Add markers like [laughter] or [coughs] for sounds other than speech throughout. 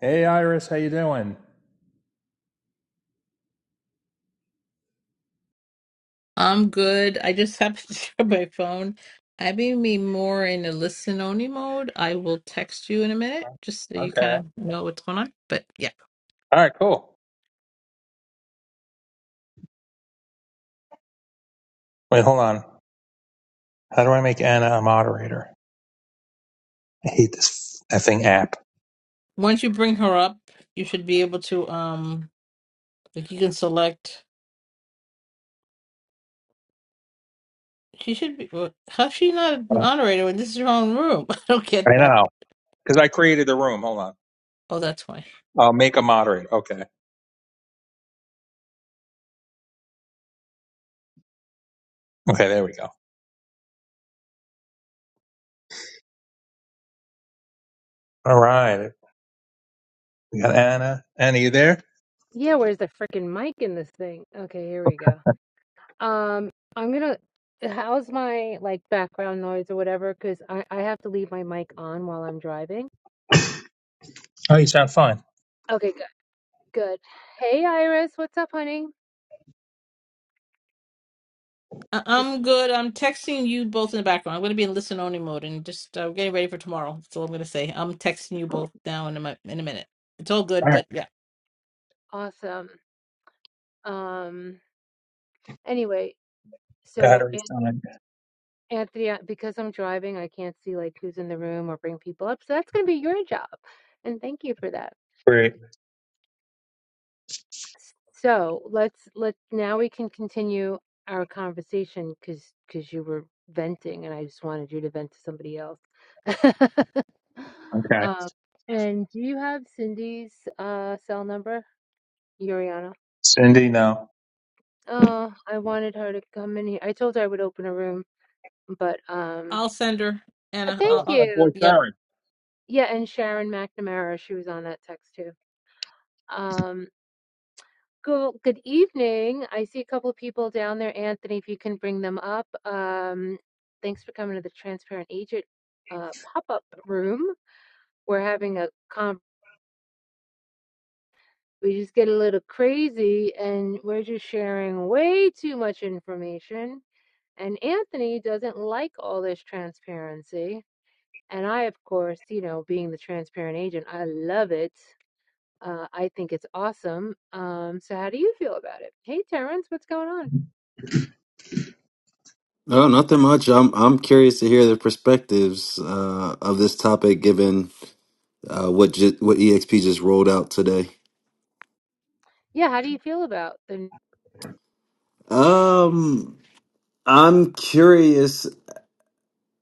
Hey, Iris, how you doing? I'm good. I just happened to [laughs] check my phone. I may be more in a listen only mode. I will text you in a minute just so you Okay. kind of know what's going on. But yeah, All right, cool. Wait, hold on. How do I make Anna a moderator? I hate this effing app. once you bring her up, you should be able to um like you can select. She should be. well, How's she not a Oh, moderator when this is her own room? [laughs] I don't get I that. know. Because I created the room. Hold on. Oh, that's why. I'll make a moderator. Okay. Okay, there we go. All right. We got Anna. Anna, you there? Yeah, where's the freaking mic in this thing? Okay, here we go. Um, I'm gonna, how's my like background noise or whatever? Because I, I have to leave my mic on while I'm driving. [coughs] Oh, you sound fine. Okay, good, good. Hey, Iris, what's up, honey? I- Did I'm good. I'm texting you both in the background. I'm going to be in listen only mode and just uh, getting ready for tomorrow. That's all I'm going to say. I'm texting you both now in a, mi- in a minute. It's all good, All right. but yeah. awesome. Um, anyway, so An- Battery's time. Anthony, I- because I'm driving, I can't see like who's in the room or bring people up. So that's gonna be your job. And thank you for that. Great. So let's let now we can continue our conversation because because you were venting and I just wanted you to vent to somebody else. [laughs] Okay. um, and do you have Cindy's uh, cell number, Yuriana? Cindy, no. Oh, I wanted her to come in here. I told her I would open a room, but um, I'll send her uh, Anna. Oh, thank I'll, it's I'll my you. boy yep. Sharon. Yeah, and Sharon McNamara, she was on that text too. Go good evening. I see a couple of people down there. Anthony, if you can bring them up. Um, thanks for coming to the Transparent Agent uh, pop-up room. We're having a con we just get a little crazy and we're just sharing way too much information. And Anthony doesn't like all this transparency. And I, of course, you know, being the transparent agent, I love it. Uh, I think it's awesome. Um, so how do you feel about it? Hey, Terrence, what's going on? No, nothing much. I'm I'm curious to hear the perspectives uh, of this topic, given uh, what ju- what EXP just rolled out today. Yeah, how do you feel about the Um, I'm curious.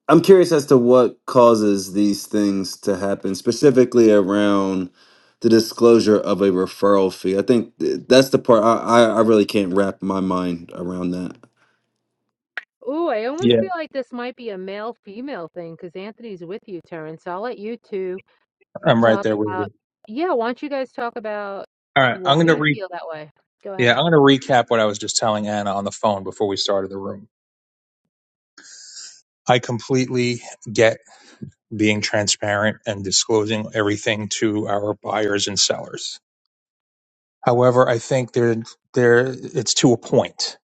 I'm curious as to what causes these things to happen, specifically around the disclosure of a referral fee. I think th- that's the part I, I, I really can't wrap my mind around that. Ooh, I almost Yeah, feel like this might be a male-female thing thing because Anthony's with you, Terrence. So I'll let you two I'm right talk there with about you. Yeah, why don't you guys talk about All right, why I'm gonna you re. feel that way? Go Yeah, ahead. I'm gonna recap what I was just telling Anna on the phone before we started the room. I completely get being transparent and disclosing everything to our buyers and sellers. However, I think there there it's to a point.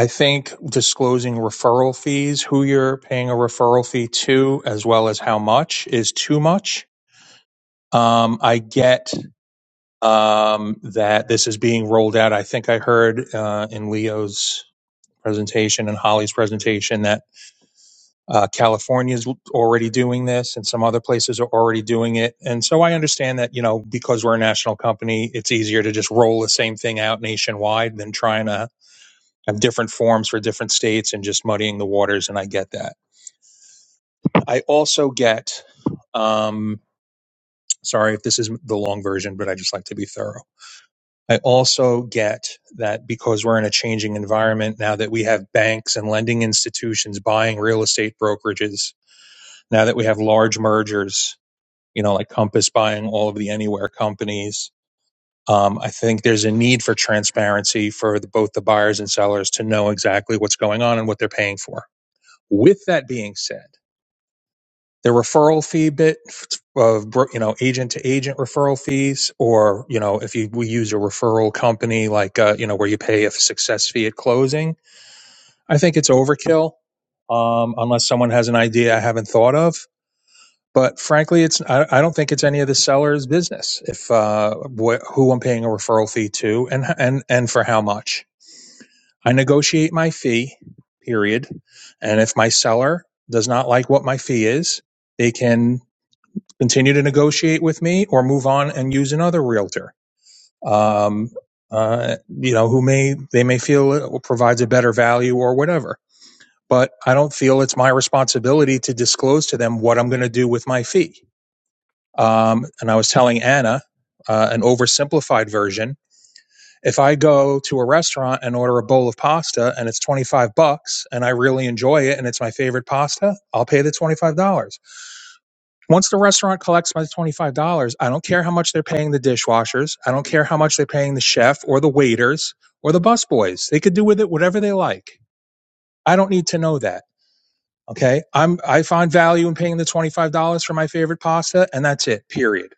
I think disclosing referral fees, who you're paying a referral fee to, as well as how much, is too much. Um, I get um, that this is being rolled out. I think I heard uh, in Leo's presentation and Holly's presentation that uh, California is already doing this, and some other places are already doing it. And so I understand that you know because we're a national company, it's easier to just roll the same thing out nationwide than trying to have different forms for different states and just muddying the waters. And I get that. I also get. Um, Sorry if this is the long version, but I just like to be thorough I also get that because we're in a changing environment now that we have banks and lending institutions buying real estate brokerages, now that we have large mergers, you know, like Compass buying all of the Anywhere companies. Um, I think there's a need for transparency for the, both the buyers and sellers to know exactly what's going on and what they're paying for. With that being said, the referral fee bit of bro- you know agent to agent referral fees or you know if you we use a referral company like uh, you know where you pay a success fee at closing i think it's overkill um, unless someone has an idea i haven't thought of but frankly it's i, I don't think it's any of the seller's business if uh, wh- who i'm paying a referral fee to and and and for how much i negotiate my fee period and if my seller does not like what my fee is they can continue to negotiate with me or move on and use another realtor. Um, uh, you know, who may, they may feel it provides a better value or whatever, but I don't feel it's my responsibility to disclose to them what I'm going to do with my fee. Um, and I was telling Anna, uh, an oversimplified version. If I go to a restaurant and order a bowl of pasta and it's 25 bucks and I really enjoy it and it's my favorite pasta, I'll pay the $25. Once the restaurant collects my $25, I don't care how much they're paying the dishwashers. I don't care how much they're paying the chef or the waiters or the busboys. They could do with it whatever they like. I don't need to know that. Okay. I'm, I find value in paying the $25 for my favorite pasta and that's it, period.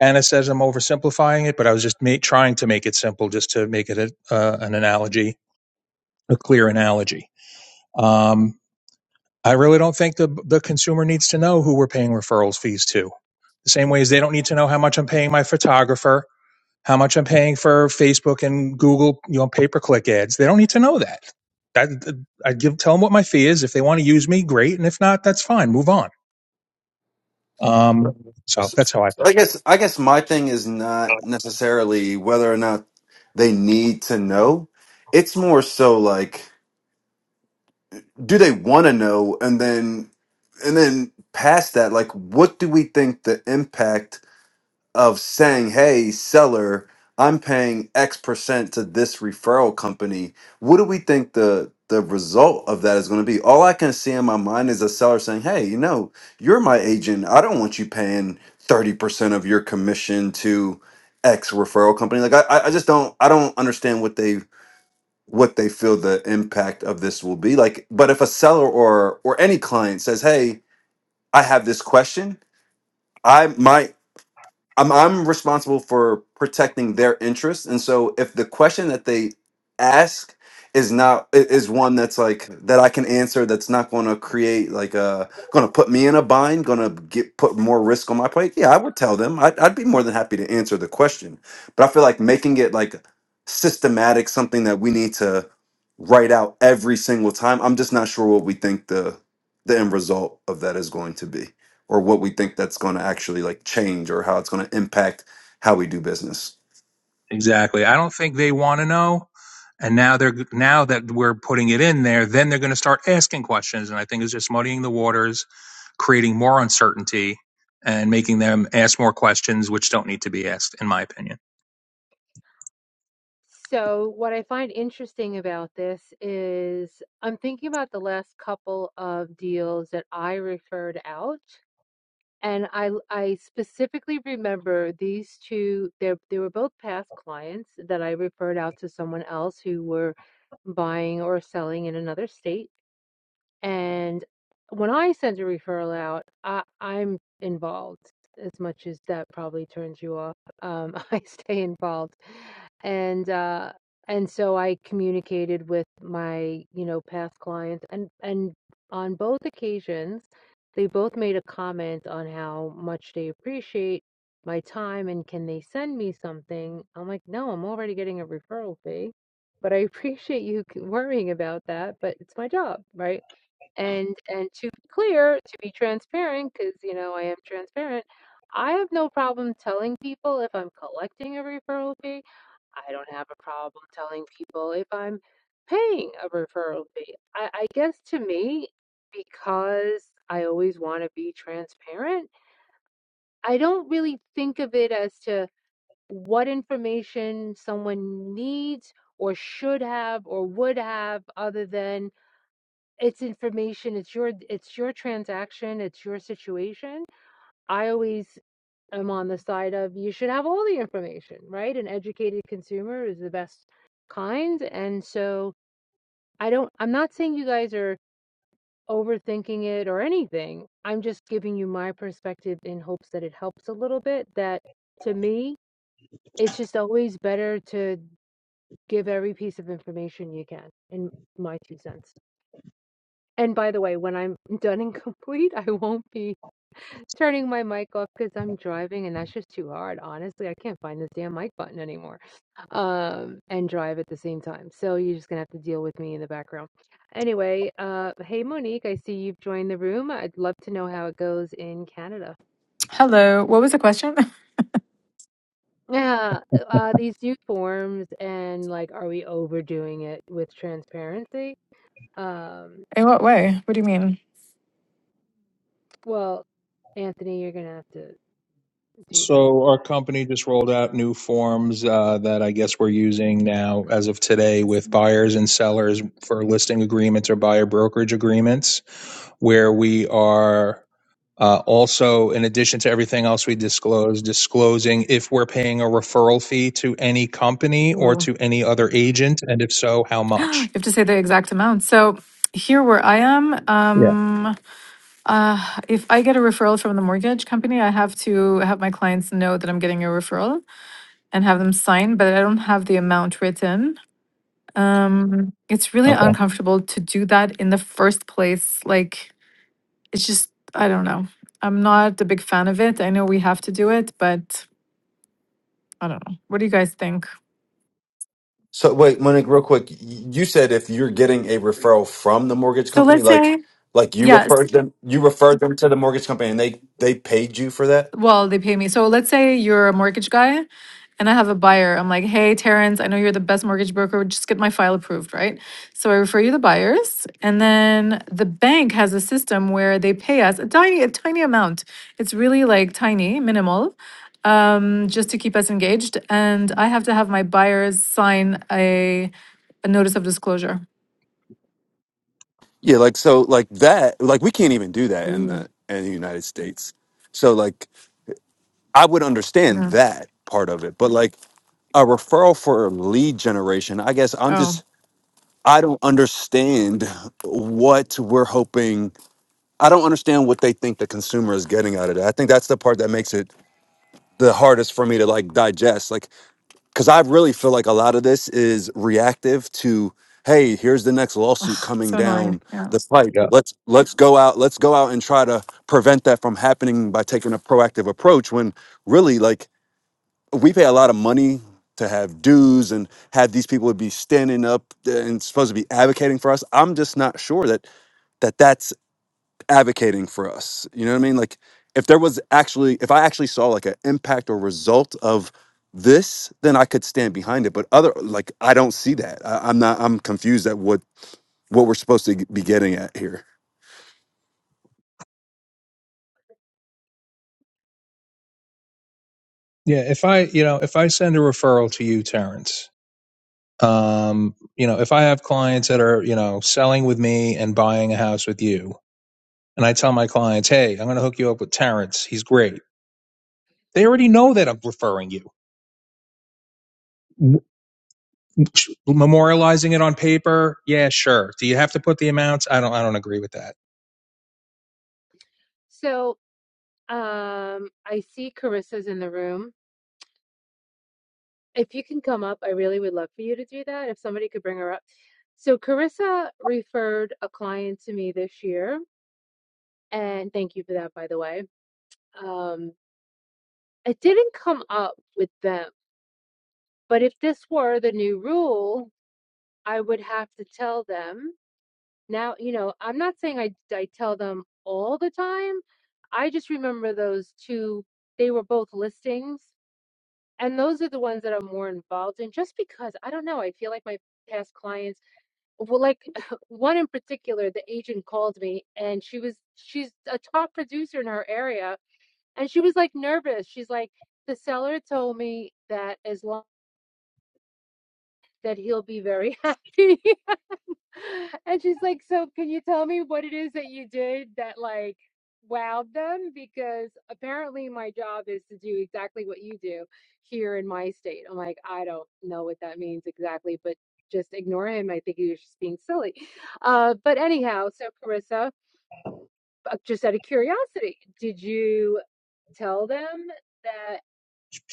Anna says I'm oversimplifying it, but I was just ma- trying to make it simple just to make it a, uh, an analogy, a clear analogy. Um, I really don't think the, the consumer needs to know who we're paying referrals fees to The same way as they don't need to know how much I'm paying my photographer, how much I'm paying for Facebook and Google, you know, pay per click ads. They don't need to know that. That I give tell them what my fee is. If they want to use me, great, and if not, that's fine. Move on. Um, so So that's how I feel. I guess I guess my thing is not necessarily whether or not they need to know. It's more so like do they want to know and then and then past that like what do we think the impact of saying, hey, seller, I'm paying X percent to this referral company, what do we think the the result of that is going to be? All I can see in my mind is a seller saying, hey, you know, you're my agent. I don't want you paying 30% of your commission to X referral company. Like I I I just don't I don't understand what they what they feel the impact of this will be. Like, but if a seller or or any client says, hey, I have this question. I my I'm I'm responsible for protecting their interests, and so if the question that they ask is not i- is one that's like that I can answer, that's not going to create like a going to put me in a bind, going to get put more risk on my plate. Yeah, I would tell them. I'd, I'd be more than happy to answer the question, but I feel like making it like systematic, something that we need to write out every single time. I'm just not sure what we think the the end result of that is going to be or what we think that's going to actually like change or how it's going to impact how we do business. Exactly. I don't think they want to know. And now they're now that we're putting it in there, then they're going to start asking questions, and I think it's just muddying the waters, creating more uncertainty, and making them ask more questions which don't need to be asked, in my opinion. So what I find interesting about this is I'm thinking about the last couple of deals that I referred out. And I I specifically remember these two. They they were both past clients that I referred out to someone else who were buying or selling in another state and when I send a referral out, I, I'm involved as much as that probably turns you off. Um, [laughs] I stay involved, and uh, and so I communicated with my you know past clients, and and on both occasions, they both made a comment on how much they appreciate my time and can they send me something. I'm like, no, I'm already getting a referral fee but I [laughs] appreciate you c- worrying about that, but it's my job, right? And and to be clear, to be transparent, because you know I am transparent, I have no problem telling people if I'm collecting a referral fee. I don't have a problem telling people if I'm paying a referral fee. I, I guess to me, because I always want to be transparent, I don't really think of it as to what information someone needs or should have or would have other than it's information it's your it's your transaction it's your situation i always am on the side of you should have all the information right an educated consumer is the best kind and so i don't i'm not saying you guys are overthinking it or anything i'm just giving you my perspective in hopes that it helps a little bit that to me it's just always better to give every piece of information you can in my two cents and by the way, when I'm done and [laughs] complete, I won't be Turning my mic off because I'm driving and that's just too hard. Honestly, I can't find this damn mic button anymore. Um, and drive at the same time. So you're just gonna have to deal with me in the background. Anyway, uh, hey Monique, I see you've joined the room. I'd love to know how it goes in Canada. Hello. What was the question? [laughs] Yeah, uh, these new forms and like, are we overdoing it with transparency? Um, In what way? What do you mean? well, Anthony, you're gonna have to do that So part. our company just rolled out new forms uh, that I guess we're using now as of today with buyers and sellers for listing agreements or buyer brokerage agreements, where we are uh, also, in addition to everything else we disclose, disclosing if we're paying a referral fee to any company or Ooh. [gasps] to any other agent, and if so, how You much. have to say the exact amount. So here where I am, Yeah. um, uh, if I get a referral from the mortgage company, I have to have my clients know that I'm getting a referral and have them sign, but I don't have the amount written. Um, it's really Okay. uncomfortable to do that in the first place. Like, it's just, I don't know. I'm not a big fan of it. I know we have to do it, but I don't know. What do you guys think? So wait, Monique, real quick. y- You said if you're getting a referral from the mortgage So company, let's like say, like you yeah. referred them, you referred them to the mortgage company, and they they paid you for that. well, they pay me. So let's say you're a mortgage guy and I have a buyer. I'm like, hey, Terrence, I know you're the best mortgage broker. Just get my file approved, right? So I refer you the buyers. And then the bank has a system where they pay us a tiny, a tiny amount. It's really like tiny, minimal, um, just to keep us engaged. And I have to have my buyers sign a, a notice of disclosure. Yeah, like so like that like we can't even do that in Ooh. the in the United States. So like I would understand Yeah. that part of it. But like a referral for lead generation. I guess I'm Oh, just I don't understand what we're hoping. I don't understand what they think the consumer is getting out of that. I think that's the part that makes it the hardest for me to like digest. Like cuz I really feel like a lot of this is reactive to hey, here's the next lawsuit coming so annoying. down Yeah. the pipe. Yeah. Let's let's go out let's go out and try to prevent that from happening by taking a proactive approach when really like we pay a lot of money to have dues and have these people be standing up and supposed to be advocating for us. I'm just not sure that that that's advocating for us. You know what I mean? Like if there was actually if I actually saw like an impact or result of this, then I could stand behind it. But other like I don't see that. I, I'm not I'm confused at what what we're supposed to be getting at here. Yeah. If I, you know, if I send a referral to you, Terrence, um, you know, if I have clients that are, you know, selling with me and buying a house with you, and I tell my clients, hey, I'm going to hook you up with Terrence. He's great. They already know that I'm referring you. Memorializing it on paper, yeah, sure. Do you have to put the amounts? I don't. I don't agree with that. So, um, I see Carissa's in the room. If you can come up, I really would love for you to do that. If somebody could bring her up. So Carissa referred a client to me this year, and thank you for that, by the way. Um, it didn't come up with them, but if this were the new rule, I would have to tell them. Now, you know, I'm not saying I, I tell them all the time. I just remember those two, they were both listings, and those are the ones that I'm more involved in just because I don't know, I feel like my past clients well, like [laughs] one in particular, the agent called me and she was she's a top producer in her area and she was like nervous. She's like, the seller told me that as long that he'll be very [laughs] happy. [laughs] And she's like, So can you tell me what it is that you did that like wowed them? Because apparently my job is to do exactly what you do here in my state. I'm like, I don't know what that means exactly, but just ignore him. I think he was just being silly. Uh, but anyhow, so Carissa, uh, just out of curiosity, did you tell them that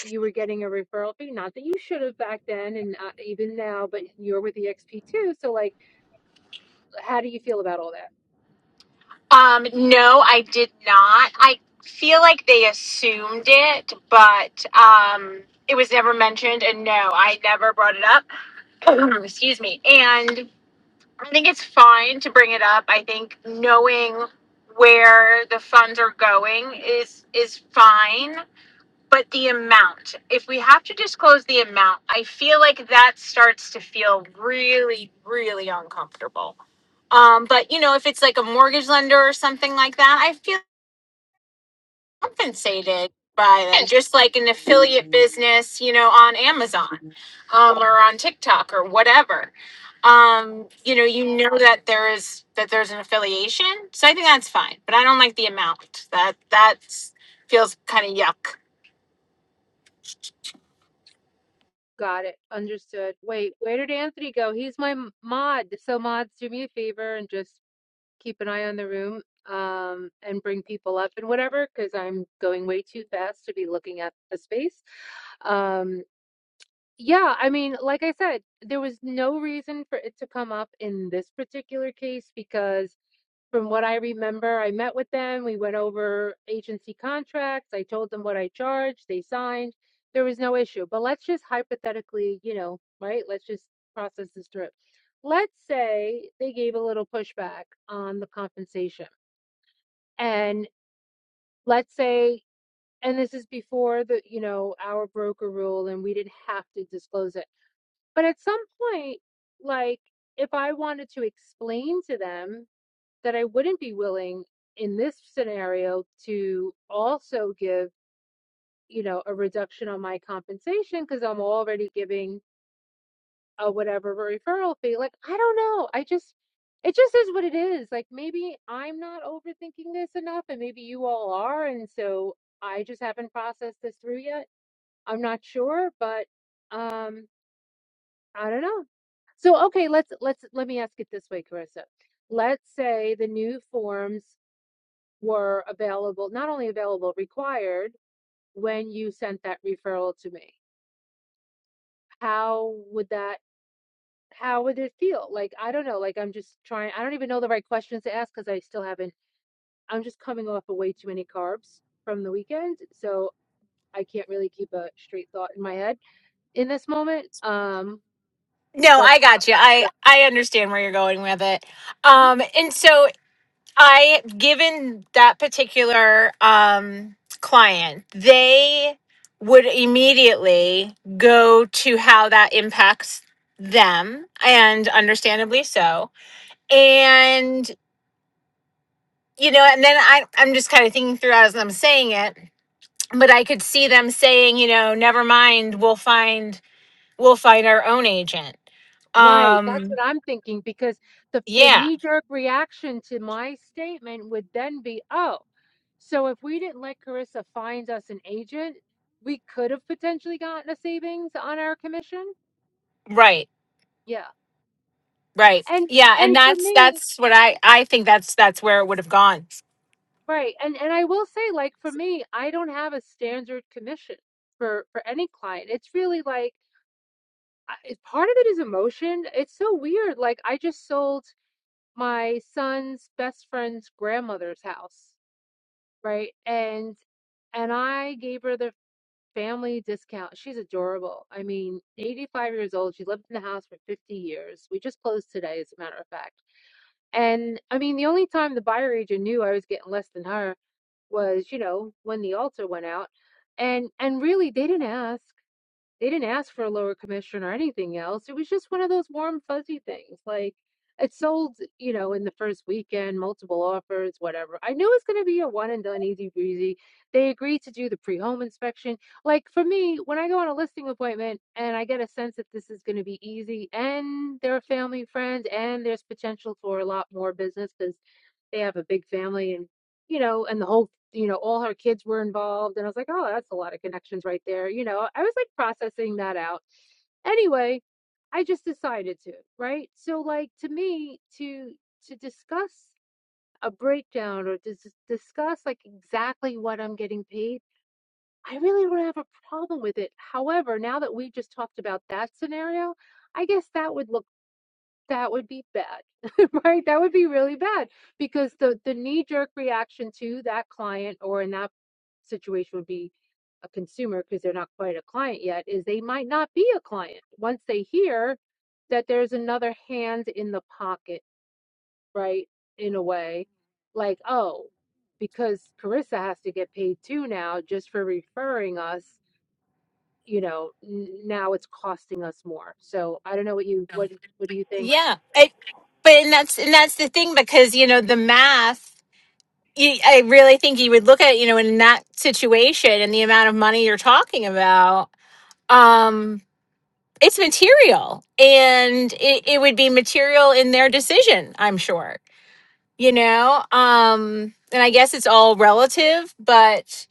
you were getting a referral fee? Not that you should have back then and uh, even now, but you're with EXP too. So like, how do you feel about all that? Um, no, I did not. I feel like they assumed it, but um, it was never mentioned, and no, I never brought it up. [clears throat] Excuse me. And I think it's fine to bring it up. I think knowing where the funds are going is is fine. But the amount, if we have to disclose the amount, I feel like that starts to feel really, really uncomfortable. Um, but you know, if it's like a mortgage lender or something like that, I feel compensated by them, just like an affiliate business, you know, on Amazon um, or on TikTok or whatever. Um, you know, you know that there is that there's an affiliation, so I think that's fine. But I don't like the amount. That that feels kind of yuck. Got it. Understood. Wait, where did Anthony go? He's my m- mod. So mods, do me a favor and just keep an eye on the room, um, and bring people up and whatever, because I'm going way too fast to be looking at the space. Um, yeah, I mean, like I said, there was no reason for it to come up in this particular case because from what I remember, I met with them. We went over agency contracts. I told them what I charged. They signed. There was no issue. But let's just hypothetically, you know, right? Let's just process this through. Let's say they gave a little pushback on the compensation. And let's say, and this is before the, you know, our broker rule and we didn't have to disclose it. But at some point, like if I wanted to explain to them that I wouldn't be willing in this scenario to also give, you know, a reduction on my compensation because I'm already giving a whatever referral fee. Like, I don't know. I just, it just is what it is. Like, maybe I'm not overthinking this enough and maybe you all are. And so I just haven't processed this through yet. I'm not sure, but um, I don't know. So, okay, let's, let's, let me ask it this way, Carissa. Let's say the new forms were available, not only available, required when you sent that referral to me? How would that, how would it feel? Like, I don't know, like I'm just trying, I don't even know the right questions to ask because I still haven't, I'm just coming off of way too many carbs from the weekend. So I can't really keep a straight thought in my head in this moment. Um, No, but I how, got you. I yeah. I understand where you're going with it. Um and so I given that particular um client, they would immediately go to how that impacts them and understandably so. And you know, and then I I'm just kind of thinking through as I'm saying it, but I could see them saying, you know, never mind, we'll find we'll find our own agent. Right, that's Um what I'm thinking because the the yeah. knee-jerk reaction to my statement would then be, oh, so if we didn't let Carissa find us an agent, we could have potentially gotten a savings on our commission. Right. Yeah. Right. And Yeah, and and for that's me, that's what I I think that's that's where it would have gone. right, and and I will say like for me, I don't have a standard commission for for any client. It's really like I- it- part of it is emotion. It's so weird. Like I just sold my son's best friend's grandmother's house. Right, and and I gave her the family discount. She's adorable. I mean, 85 years old. She lived in the house for 50 years. We just closed today, as a matter of fact. And I mean, the only time the buyer agent knew I was getting less than her was, you know, when the altar went out. And and really, they didn't ask. They didn't ask for a lower commission or anything else. It was just one of those warm, fuzzy things. Like it sold, you know, in the first weekend, multiple offers, whatever. I knew it was going to be a one and done, easy breezy. They agreed to do the pre home inspection. Like for me, when I go on a listing appointment and I get a sense that this is going to be easy and they're a family friends and there's potential for a lot more business because they have a big family and you know and the whole you know all her kids were involved and i was like oh that's a lot of connections right there you know i was like processing that out anyway i just decided to right so like to me to to discuss a breakdown or to dis- discuss like exactly what i'm getting paid i really don't have a problem with it however now that we just talked about that scenario i guess that would look that would be bad, [laughs] right? That would be really bad because the the knee jerk reaction to that client or in that situation would be a consumer because they're not quite a client yet is they might not be a client once they hear that there's another hand in the pocket, right? In a way, like, oh, because Carissa has to get paid too now just for referring us, you know, n- now it's costing us more. So I don't know what you what what do you think? Yeah. It, but and that's and that's the thing because you know the math you, I really think you would look at it, you know in that situation and the amount of money you're talking about um it's material and it, it would be material in their decision, I'm sure. You know, um and I guess it's all relative, but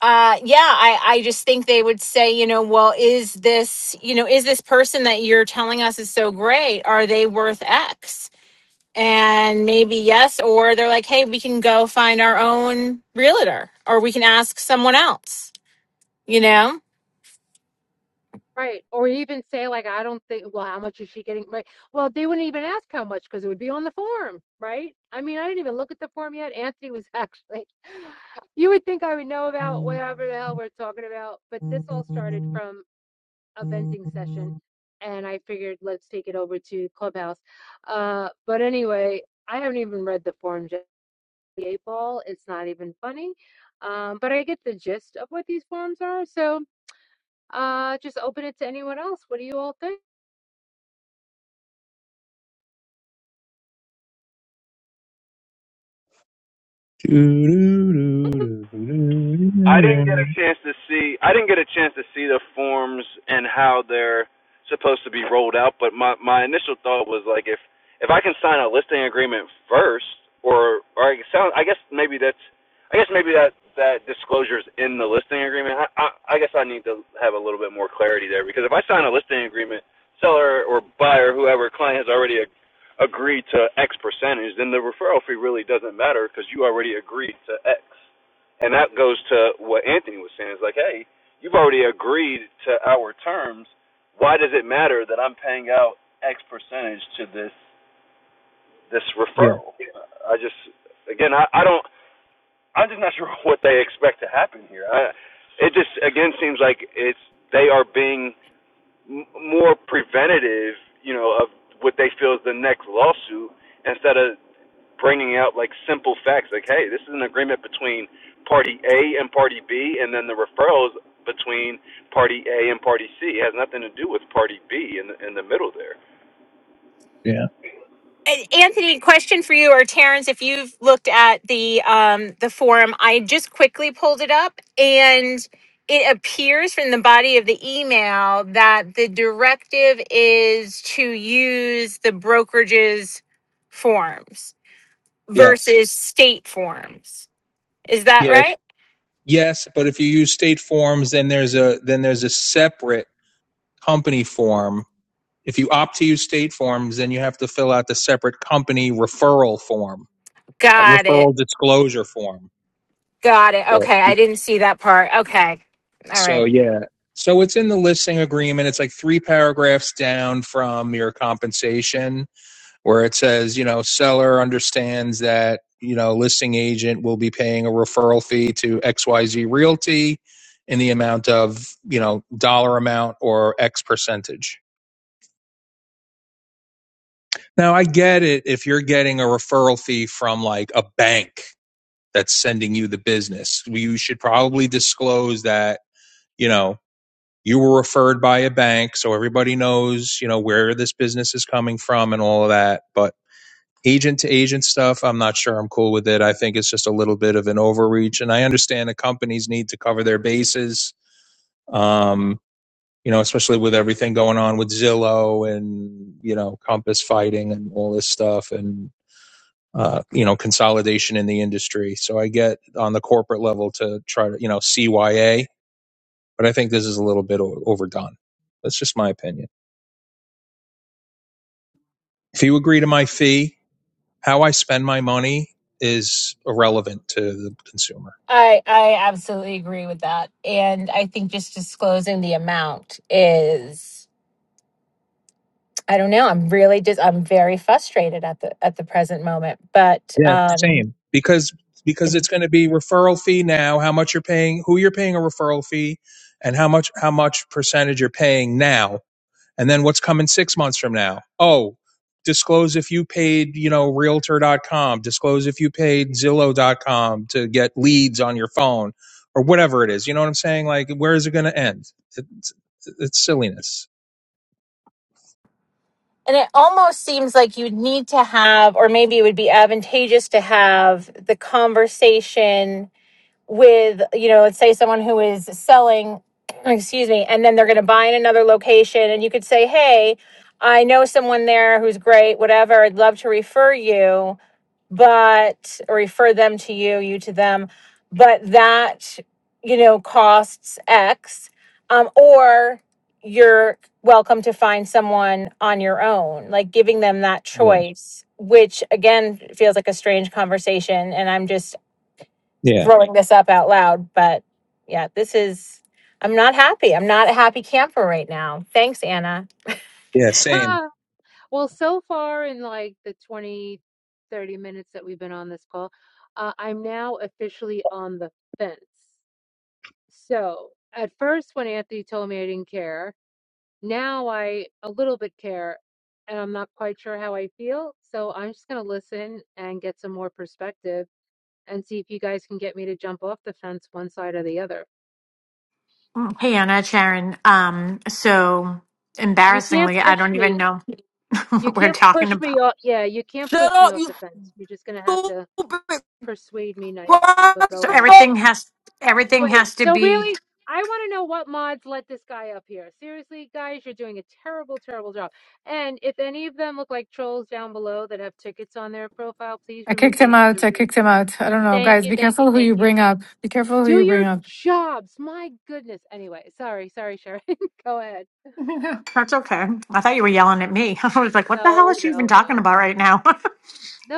uh yeah i i just think they would say you know well is this you know is this person that you're telling us is so great are they worth x and maybe yes or they're like hey we can go find our own realtor or we can ask someone else you know Right. Or even say like, I don't think, well, how much is she getting? Right. Well, they wouldn't even ask how much because it would be on the form, right? I mean, I didn't even look at the form yet. Anthony was [laughs] actually, you would think I would know about whatever the hell we're talking about, but this all started from a venting session and I figured let's take it over to Clubhouse. Uh, but anyway, I haven't even read the forms yet. The eight ball, it's not even funny. Um, but I get the gist of what these forms are. So uh just open it to anyone else what do you all think I didn't get a chance to see. I didn't get a chance to see the forms and how they're supposed to be rolled out. But my my initial thought was like, if if I can sign a listing agreement first, or or I sound, I guess maybe that's, I guess maybe that that disclosure is in the listing agreement. I, I I guess I need to have a little bit more clarity there because if I sign a listing agreement, seller or buyer, whoever client has already agreed to X percentage, then the referral fee really doesn't matter because you already agreed to X. And that goes to what Anthony was saying. It's like, hey, you've already agreed to our terms. Why does it matter that I'm paying out X percentage to this this Yeah, referral? I just, again, I, I don't. I'm just not [laughs] sure what they expect to happen here. I, it just again seems like it's they are being more preventative, you know, of what they feel is the next lawsuit instead of bringing out like simple facts like hey this is an agreement between party a and party b and then the referrals between party a and party c it has nothing to do with party b in the, in the middle there yeah, A- Anthony, question for you or Terrence, if you've looked at the um, the forum, I just quickly pulled it up, and it appears from the body of the email that the directive is to use the brokerage's forms yes, versus state forms. Is that yeah, right? yes. But if you use state forms, then there's a then there's a separate company form If you opt to use state forms, then you have to fill out the separate company referral form, a Got it. referral disclosure form. Got it. So, Okay, I didn't see that part. Okay, all so right. yeah. So it's in the listing agreement. It's like three paragraphs down from your compensation, where it says, you know, seller understands that, you know, listing agent will be paying a referral fee to XYZ Realty in the amount of, you know, dollar amount or X percentage Now, I get it if you're getting a referral fee from like a bank that's sending you the business. You should probably disclose that, you know, you were referred by a bank so everybody knows, you know, where this business is coming from and all of that. But agent to agent stuff, I'm not sure I'm cool with it. I think it's just a little bit of an overreach and I understand the companies need to cover their bases. Um you know, especially with everything going on with Zillow and you know Compass fighting and all this stuff, and uh, you know, consolidation in the industry. So I get on the corporate level to try to, you know, CYA, but I think this is a little bit o- overdone. That's just my opinion. If you agree to my fee, how I spend my money is irrelevant to the consumer. I I absolutely agree with that. And I think just disclosing the amount is I don't know, I'm really just I'm very frustrated at the at the present moment, but Yeah, um same. Because because and it's going to be referral fee now, how much you're paying, who you're paying a referral fee, and how much how much percentage you're paying now And then what's coming six months from now? Oh, disclose if you paid, you know, realtor.com, disclose if you paid Zillow.com to get leads on your phone or whatever it is. You know what I'm saying? Like, where is it going to end? It's, it's silliness. and it almost seems like you need to have or maybe it would be advantageous to have the conversation with you know let's say someone who is selling [clears throat] excuse me and then they're going to buy in another location and you could say hey i know someone there who's great whatever i'd love to refer you but or refer them to you you to them but that you know costs x um, or you're welcome to find someone on your own like giving them that Yeah. choice which again feels like a strange conversation and i'm just Yeah. throwing this up out loud, but yeah, this is. I'm not happy. I'm not a happy camper right now. Thanks, Anna. Yeah. Same. [laughs] well so far in like the 20, 30 minutes that we've been on this call uh, i'm now officially on the fence so at first when anthony told me i didn't care now i a little bit care and i'm not quite sure how i feel so i'm just going to listen and get some more perspective and see if you guys can get me to jump off the fence one side or the other Hey Anna, it's Sharon. Um, so you can't embarrassingly, I push don't me even know [laughs] You what we're can't talking push me about. off. Yeah, you can't Shut push me up, off you the fence. You're just gonna have to stupid persuade me nicely, but go So ahead. cracker. everything has everything Wait, has to so be. really, I want to know what mods let this guy up here. Seriously, guys, you're doing a terrible, terrible job. And if any of them look like trolls down below that have tickets on their profile, please I remove kicked him them from out. I the room. kicked him out. I don't know. Thank Guys, you, be thank you, careful who thank you you. bring up. Be careful who Do you bring your up. jobs. My goodness. Anyway, sorry, sorry, Sharon. [laughs] go ahead. [laughs] That's okay. I thought you were yelling at me. [laughs] I was like, what the hell No, is she no, even talking no. about right now?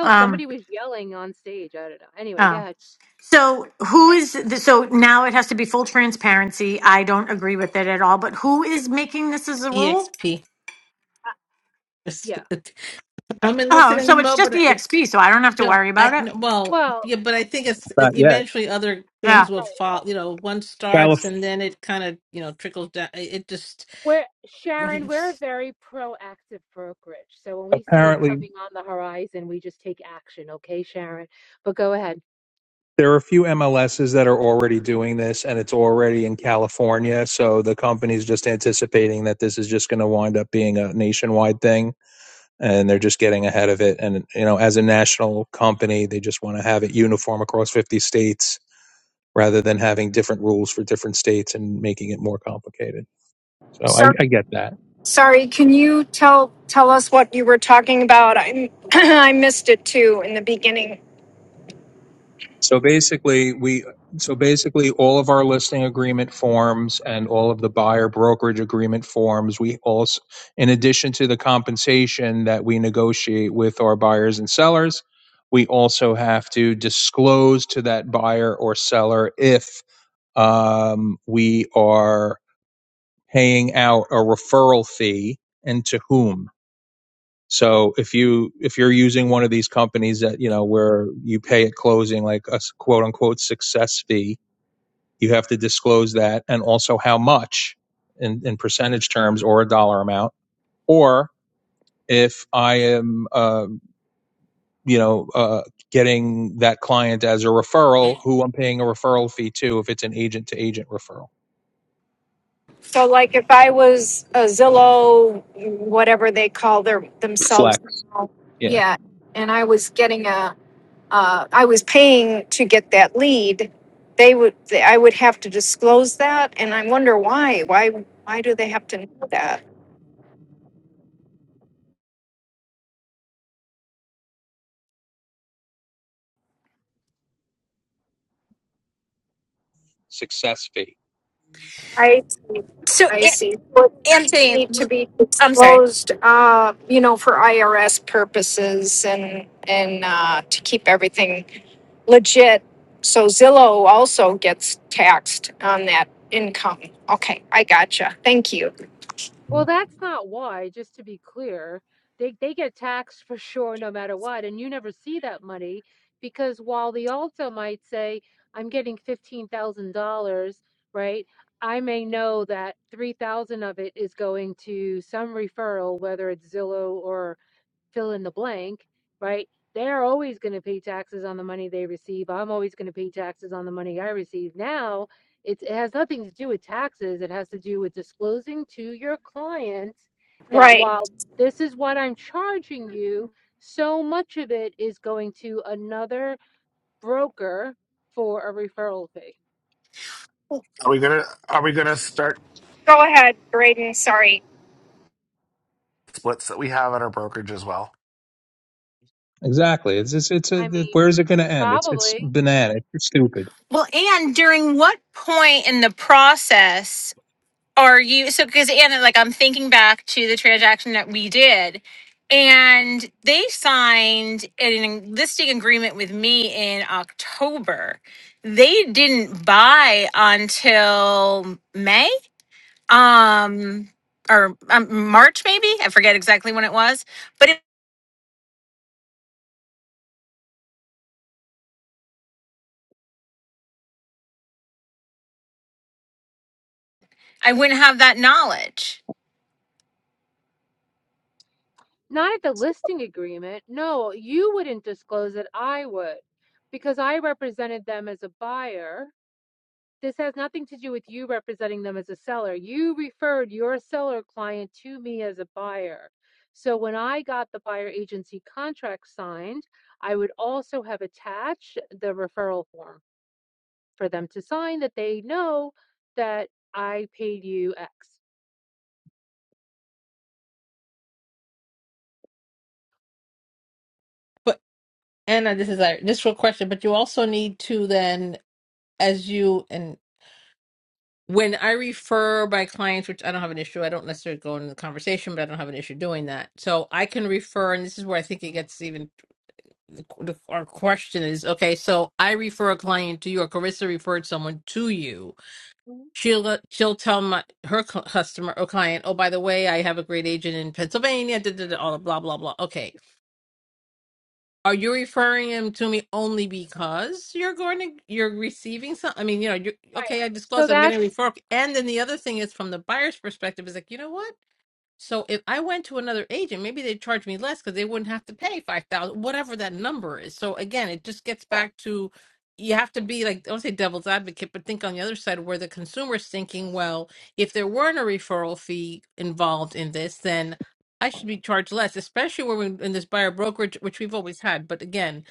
[laughs] somebody um, was yelling on stage. I don't know. Anyway, go oh. ahead. So who is the, so now it has to be full transparency. I don't agree with it at all. But who is making this as a rule? EXP. Uh, Yeah. [laughs] I'm in Oh, so listening it's mode, just but I, EXP, so I don't have to no, worry about I it. no, well, Well, yeah, but I think it's e, Not yet. eventually other Yeah. things will right. fall. You know, one starts Calif- and then it kind of you know trickles down. It it just, We're but Sharon, we're a very proactive brokerage. So when we see it apparently, coming on the horizon, we just take action, okay, Sharon? But go ahead. there are a few MLSs that are already doing this and it's already in California. So the company's just anticipating that this is just going to wind up being a nationwide thing and they're just getting ahead of it. And you know, as a national company, they just want to have it uniform across 50 states rather than having different rules for different states and making it more complicated. So I, Sorry, I get that. sorry. Can you tell tell us what you were talking about? I [clears throat] I missed it too in the beginning. So basically, we so basically all of our listing agreement forms and all of the buyer brokerage agreement forms, we also, in addition to the compensation that we negotiate with our buyers and sellers. We also have to disclose to that buyer or seller if Um, we are paying out a referral fee and to whom. So if you if you're using one of these companies that you know where you pay at closing like a quote unquote success fee, you have to disclose that and also how much in, in percentage terms or a dollar amount. Or if I am uh, you know uh, getting that client as a referral, who I'm paying a referral fee to if it's an agent to agent referral. So, like, if I was a Zillow, whatever they call their themselves, Flex. now, Yeah. yeah, and I was getting a, uh, I was paying to get that lead. They would, I would have to disclose that, and I wonder why. Why? Why do they have to know that? success fee. I see. So, I An- see. What Anthony, need to be I'm sorry. disclosed, uh, you know, for IRS purposes and, and, uh, to keep everything legit. So Zillow also gets taxed on that income. Okay, I gotcha. Thank you. Yeah, Well, that's not why, just to be clear. They they get taxed for sure no matter what, and you never see that money because while the Alto might say, I'm getting fifteen thousand dollars, right? I may know that three thousand of it is going to some referral, whether it's Zillow or fill in the blank, right? They're always going to pay taxes on the money they receive. I'm always going to pay taxes on the money I receive. Now, it's, it has nothing to do with taxes. It has to do with disclosing to your client that Right. while this is what I'm charging you, so much of it is going to another broker for a referral fee. Are we gonna Are we gonna start Go ahead, Braden. Sorry. splits that we have at our brokerage as well? exactly. It's it's it's a, I it- mean, where is it going to end? It's it's probably banana. It's stupid. Well, and during what point in the process are you? So, because Anna, like, I'm thinking back to the transaction that we did, and they signed an listing agreement with me in October. They didn't buy until May um or um, march maybe i forget exactly when it was but it, i wouldn't have that knowledge Not at the listing agreement. No, you wouldn't disclose it. I would, because I represented them as a buyer. This has nothing to do with you representing them as a seller. You referred your seller client to me as a buyer. So when I got the buyer agency contract signed, I would also have attached the referral form for them to sign that they know that I paid you X. Anna, this is a this real question. But you also need to then, as you and when I refer my clients, which I don't have an issue. I don't necessarily go into the conversation, but I don't have an issue doing that. So I can refer, and this is where I think it gets even the, the, our question is okay so i refer a client to you or carissa referred someone to you Mhm. she'll uh, she'll tell my her cu- customer or client oh by the way i have a great agent in pennsylvania da, da, da, all the blah blah blah okay are you referring him to me only because you're going to you're receiving some i mean you know you Right. okay i So disclosed i'm going to that's, refer and then the other thing is from the buyer's perspective is like you know what so if I went to another agent, maybe they'd charge me less because they wouldn't have to pay five thousand, whatever that number is. So again, it just gets yeah. back to you have to be like I don't say devil's advocate, but think on the other side where the consumer's thinking, well, if there weren't a referral fee involved in this, then I should be charged less, especially when we're in this buyer brokerage, which we've always had. But again,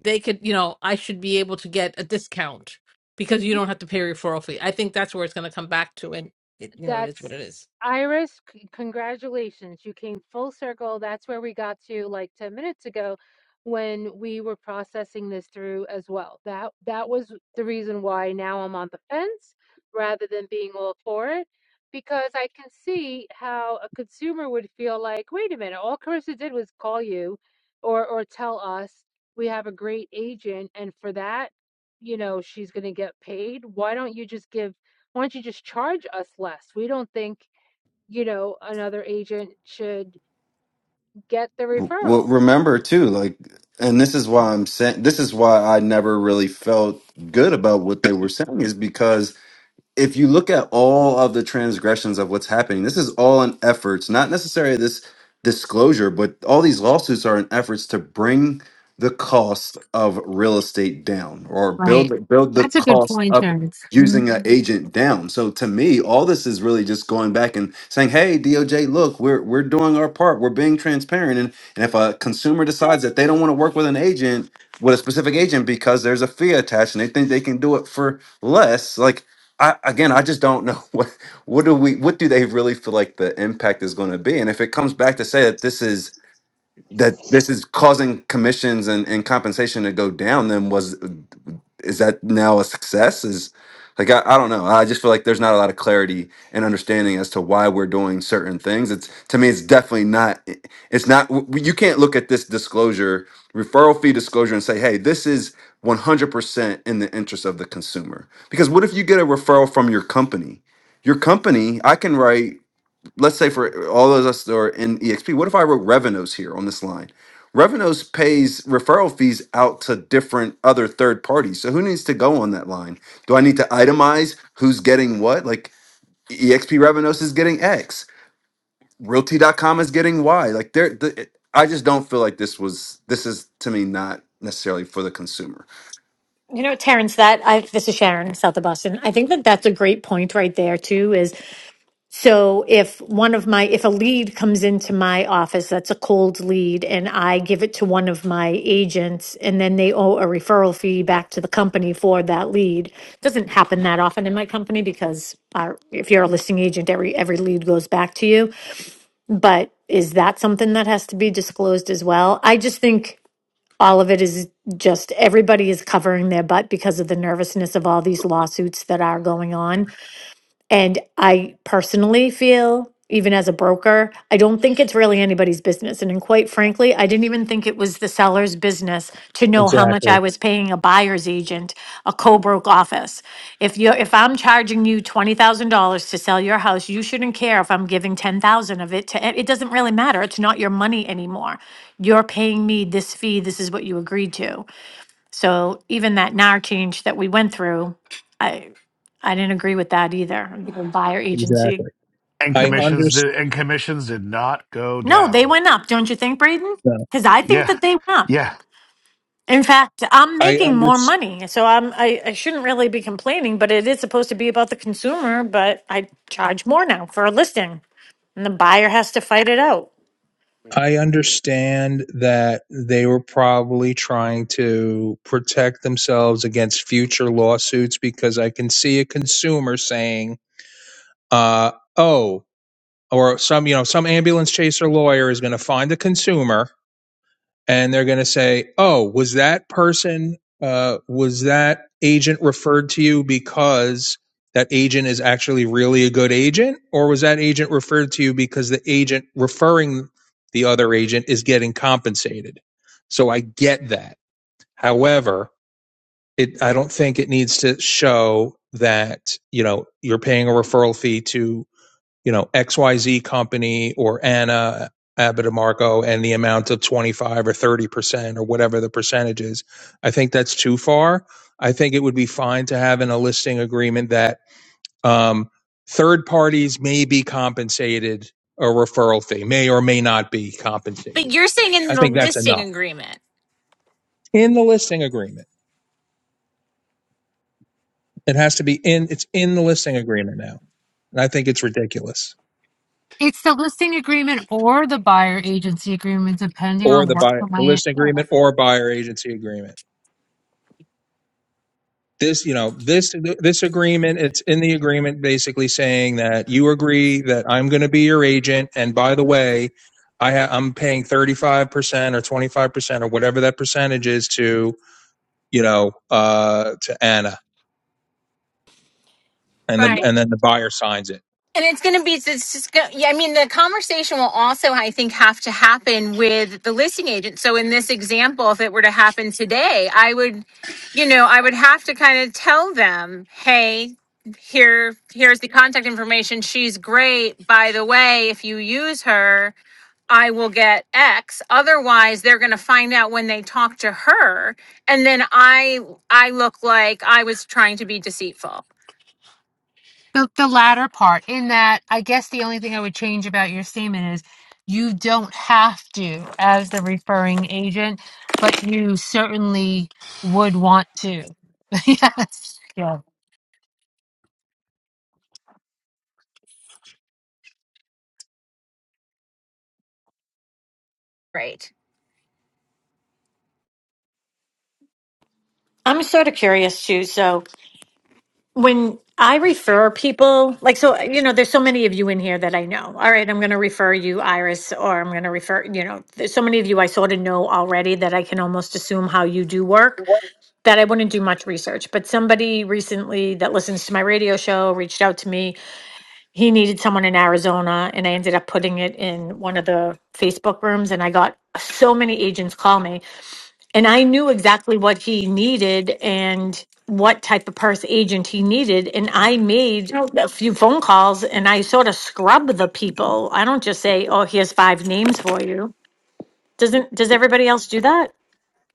they could, you know, I should be able to get a discount because you mm-hmm. don't have to pay a referral fee. I think that's where it's going to come back to, and it, you know, it is what it That's is. Iris, c- congratulations. You came full circle. That's where we got to like 10 minutes ago when we were processing this through as well. That that was the reason why now I'm on the fence rather than being all for it because I can see how a consumer would feel like, "Wait a minute, all Carissa did was call you or or tell us we have a great agent and for that, you know, she's going to get paid. Why don't you just give why don't you just charge us less? We don't think, you know, another agent should get the Well, referral. remember too, like, and this is why I'm saying this is why I never really felt good about what they were saying is because. if you look at all of the transgressions of what's happening, this is all in efforts, not necessarily this disclosure, but all these lawsuits are in efforts to bring the cost of real estate down or Right. build build the That's a good cost point, up Terrence. Mhm. using an agent down. So to me, all this is really just going back and saying, hey, DOJ, look, we're we're doing our part. We're being transparent. And and if a consumer decides that they don't want to work with an agent, with a specific agent because there's a fee attached and they think they can do it for less, like I, again, I just don't know [laughs] what what do we what do they really feel like the impact is going to be, and if it comes back to say that this is that this is causing commissions and, and compensation to go down then was is that now a success is like I, I don't know i just feel like there's not a lot of clarity and understanding as to why we're doing certain things it's to me it's definitely not it's not w- you can't look at this disclosure referral fee disclosure and say hey this is 100% in the interest of the consumer because what if you get a referral from your company your company i can write let's say for all those us that are in exp what if i wrote revenues here on this line revenues pays referral fees out to different other third parties so who needs to go on that line do i need to itemize who's getting what like exp revenues is getting x Realty dot com is getting y like there the, i just don't feel like this was this is to me not necessarily for the consumer You know, Terrence, that I this is Sharon, south of Boston. I think that that's a great point right there too. Is so if one of my if a lead comes into my office that's a cold lead, and I give it to one of my agents, and then they owe a referral fee back to the company for that lead. Doesn't happen that often in my company because our, if you're a listing agent, every every lead goes back to you. But is that something that has to be disclosed as well? I just think all of it is just everybody is covering their butt because of the nervousness of all these lawsuits that are going on and I personally feel, even as a broker, I don't think it's really anybody's business. And, and quite frankly, I didn't even think it was the seller's business to know how much Exactly. I was paying a buyer's agent, a co-broke office. If you if I'm charging you twenty thousand dollars to sell your house, you shouldn't care if I'm giving ten thousand of it to it doesn't really matter. It's not your money anymore. You're paying me this fee. This is what you agreed to. So even that NAR change that we went through, I, I didn't agree with that either, the buyer agency. Exactly. And I Mhm. commissions understand. did and commissions did not go No, they down. went up, don't you think, Braden? Because I think Yeah, that they went up. yeah. In fact, I'm I making under more money, so I'm, I, I shouldn't really be complaining, but it is supposed to be about the consumer, but I charge more now for a listing, and the buyer has to fight it out. I understand that they were probably trying to protect themselves against future lawsuits because I can see a consumer saying, uh, "Oh," or some you know some ambulance chaser lawyer is going to find a consumer and they're going to say, "Oh, was that person uh, was that agent referred to you because that agent is actually really a good agent, or was that agent referred to you because the agent referring the other agent is getting compensated?" So I get that. However, it I don't think it needs to show that you know you're paying a referral fee to you know, XYZ company or Anna Abitamarco and the amount of 25 or 30% or whatever the percentage is. I think that's too far. I think it would be fine to have in a listing agreement that um, third parties may be compensated a referral fee, may or may not be but compensated. you're saying in I the think that's listing enough agreement in the listing agreement. It has to be in. It's in the listing agreement now, and I think it's ridiculous. It's the listing agreement or the buyer agency agreement, depending Or on the what buy the the land. listing Yeah. agreement or buyer agency agreement. this you know this this agreement it's in the agreement basically saying that you agree that i'm going to be your agent and by the way i ha- i'm paying 35% or 25% or whatever that percentage is to you know uh to anna and You the Right. know, and then the buyer signs it and it's going to be it's just go, yeah i mean the conversation will also i think have to happen with the listing agent so in this example if it were to happen today i would you know i would have to kind of tell them hey here here's the contact information she's great by the way if you use her I will get X. Otherwise, they're going to find out when they talk to her, and then I I look like I was trying to be deceitful. The, the latter part, in that, I guess the only thing I would change about your statement is you don't have to as the referring agent, but you certainly would want to. [laughs] yes. Yeah. Right. I'm sort of curious too, so when I refer people, like, so, you know, there's so many of you in here that I know. All right, I'm going to refer you, Iris, or I'm going to refer, you know, there's so many of you I sort of know already that I can almost assume how you do work that I wouldn't do much research. But somebody recently that listens to my radio show reached out to me. He needed someone in Arizona, and I ended up putting it in one of the Facebook rooms, and I got so many agents call me and I knew exactly what he needed and what type of purse agent he needed. And I made No, a few phone calls and I sort of scrub the people. I don't just say, "Oh, here's five names for you." Doesn't does everybody else do that?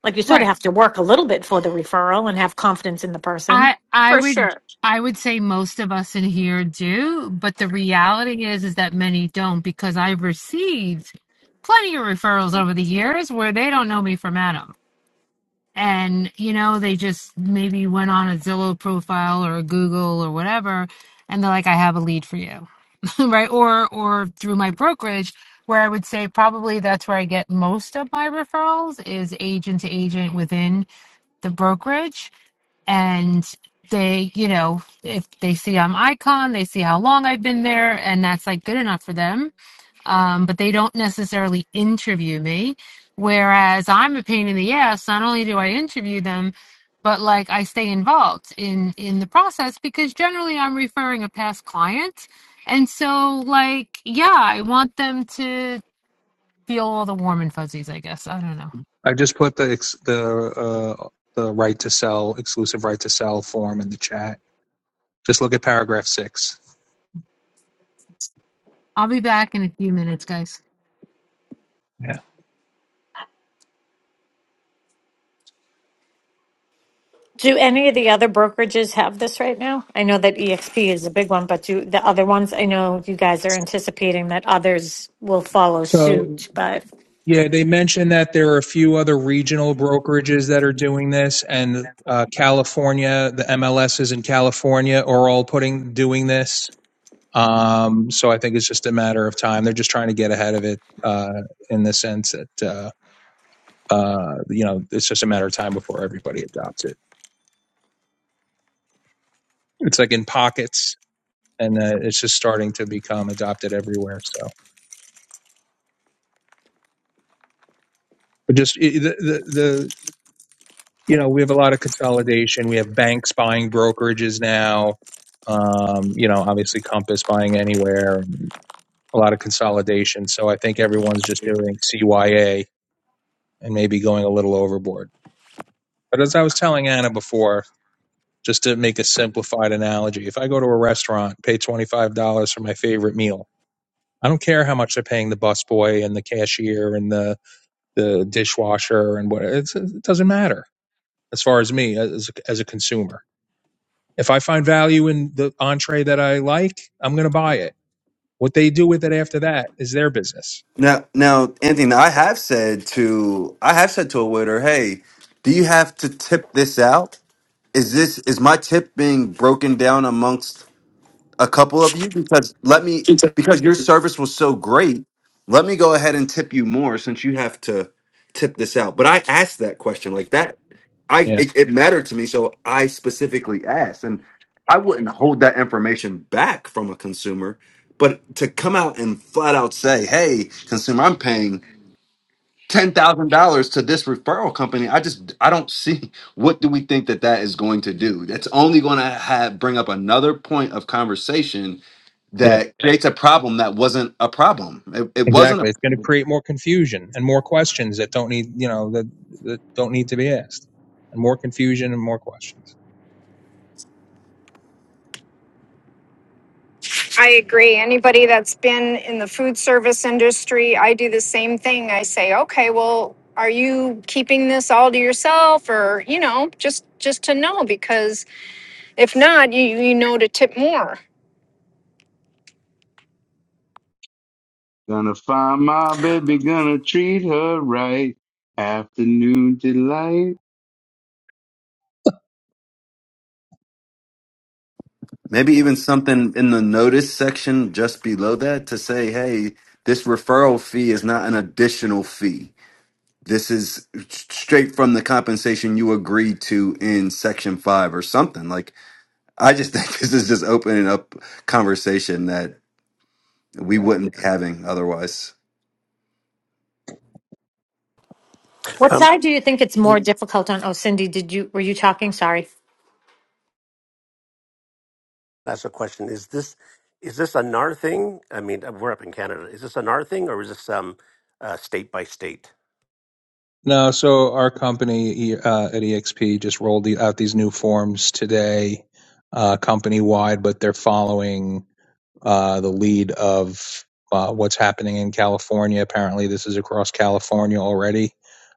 Like you sort of Right. have to work a little bit for the referral and have confidence in the person. I I For would sure. I would say most of us in here do, but the reality is is that many don't because I've received plenty of referrals over the years where they don't know me from Adam. And you know, they just maybe went on a Zillow profile or a Google or whatever and they're like I have a lead for you, [laughs] right? Or or through my brokerage where I would say probably that's where I get most of my referrals is agent to agent within the brokerage and they you know if they see i'm icon they see how long i've been there and that's like good enough for them um, but they don't necessarily interview me whereas i'm a pain in the ass not only do i interview them but like i stay involved in in the process because generally i'm referring a past client and so like yeah i want them to feel all the warm and fuzzies i guess i don't know i just put the ex- the uh the right to sell exclusive right to sell form in the chat just look at paragraph 6 i'll be back in a few minutes guys Do any of the other brokerages have this right now? I know that EXP is a big one, but do the other ones? I know you guys are anticipating that others will follow suit, but Yeah, they mentioned that there are a few other regional brokerages that are doing this, and uh, California, the MLSs in California are all putting doing this. Um, so I think it's just a matter of time. They're just trying to get ahead of it uh, in the sense that uh, uh, you know it's just a matter of time before everybody adopts it. It's like in pockets, and uh, it's just starting to become adopted everywhere. So, but just i the the you know, we have a lot of consolidation. We have banks buying brokerages now. Um, you know, obviously Compass buying anywhere and a lot of consolidation. So I think everyone's just doing CYA and maybe going a little overboard. But as I was telling Anna before, just to make a simplified analogy, if I go to a restaurant, pay $25 for my favorite meal, I don't care how much they're paying the busboy and the cashier and the, the dishwasher and what, it's, it doesn't matter as far as me as, as a consumer If I find value in the entree that I like, I'm going to buy it. What they do with it after that is their business. now now anthony i have said to i have said to a waiter hey do you have to tip this out is this is my tip being broken down amongst a couple of you because let me because your service was so great let me go ahead and tip you more since you have to tip this out but i asked that question like that i Yeah. it, it mattered to me so i specifically asked and i wouldn't hold that information back from a consumer but to come out and flat out say hey consumer i'm paying ten thousand dollars to this referral company. I just I don't see what do we think that that is going to do. That's only going to have bring up another point of conversation Yeah. that creates a problem that wasn't a problem. It, it wasn't a Exactly. It's going to create more confusion and more questions that don't need, you know, that, that don't need to be asked and more confusion and more questions. I agree. Anybody that's been in the food service industry, I do the same thing. I say, okay, well, are you keeping this all to yourself or, you know, just just to know because if not, you you know to tip more. Gonna find my baby, gonna treat her right. Afternoon delight. [laughs] maybe even something in the notice section just below that to say, hey, this referral fee is not an additional fee. This is straight from the compensation you agreed to in section five or something. Like I just think [laughs] this is just opening up conversation that. Yeah. we wouldn't be having otherwise. What Um, side do you think it's more difficult on? Oh, Cindy, did you were you talking? Sorry. that's a question. Is this is this a NAR thing? I mean, uh, we're up in Canada. Is this a NAR thing, or is this um, uh, state by state? No, so our company E, uh, at EXP just rolled the, out these new forms today, uh, company wide, but they're following uh, the lead of uh, what's happening in California. Apparently, this is across California already.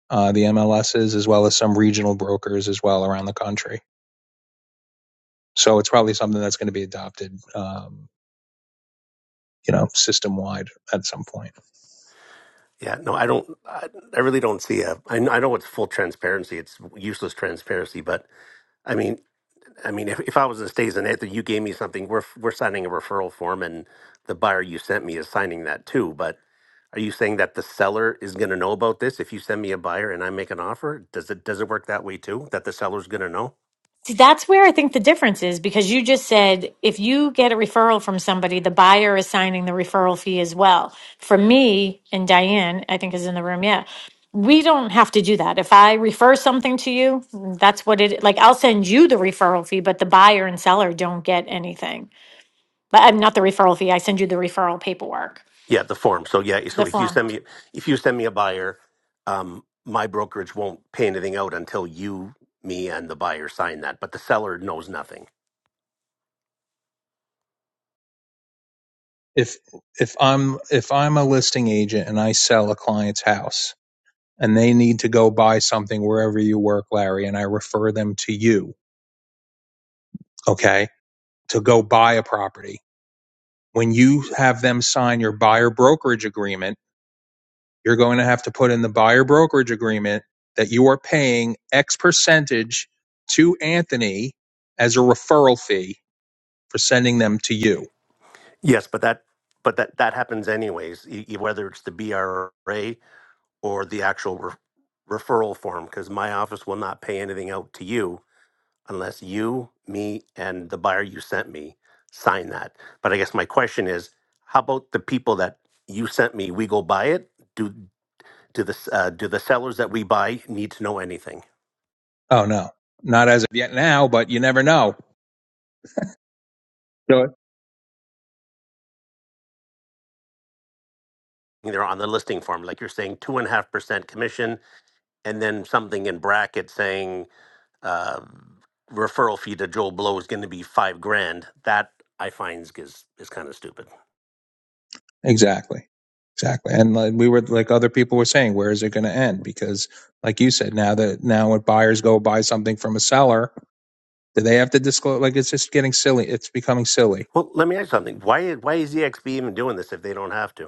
Uh, the MLSs, as well as some regional brokers, as well around the country. So it's probably something that's going to be adopted, um, you know, system wide at some point. Yeah, no, I don't. I, I really don't see a. I, kn- I know it's full transparency. It's useless transparency, but I mean, I mean, if, if I was in the states and after you gave me something, we're we're signing a referral form, and the buyer you sent me is signing that too. But are you saying that the seller is going to know about this if you send me a buyer and I make an offer? Does it does it work that way too? That the seller's going to know? See, that's where I think the difference is because you just said if you get a referral from somebody, the buyer is signing the referral fee as well. For me and Diane, I think is in the room. Yeah. We don't have to do that. If I refer something to you, that's what it like I'll send you the referral fee, but the buyer and seller don't get anything. But I'm not the referral fee. I send you the referral paperwork, Yeah, the form. So yeah, so the if you form. send me if you send me a buyer, um, my brokerage won't pay anything out until you, me, and the buyer sign that. But the seller knows nothing. If if I'm if I'm a listing agent and I sell a client's house and they need to go buy something wherever you work, Larry, and I refer them to you, okay, to go buy a property. When you have them sign your buyer brokerage agreement, you're going to have to put in the buyer brokerage agreement that you are paying X percentage to Anthony as a referral fee for sending them to you. Yes, but that but that that happens anyways, e- e- whether it's the BRA or the actual re- referral form, because my office will not pay anything out to you unless you, me, and the buyer you sent me sign that. But I guess my question is, how about the people that you sent me? We go buy it. Do Do the uh, do the sellers that we buy need to know anything? Oh, no, not as of yet now, but you never know. So They're on the listing form, like you're saying, two and a half percent commission, and then something in bracket saying uh, referral fee to Joel Blow is going to be five grand. That I find is is kind of stupid. Exactly. Exactly. And like we were like other people were saying, where is it going to end? Because like you said, now that now when buyers go buy something from a seller, do they have to disclose? Like it's just getting silly. It's becoming silly. Well, let me ask you something. Why why is EXP even doing this if they don't have to?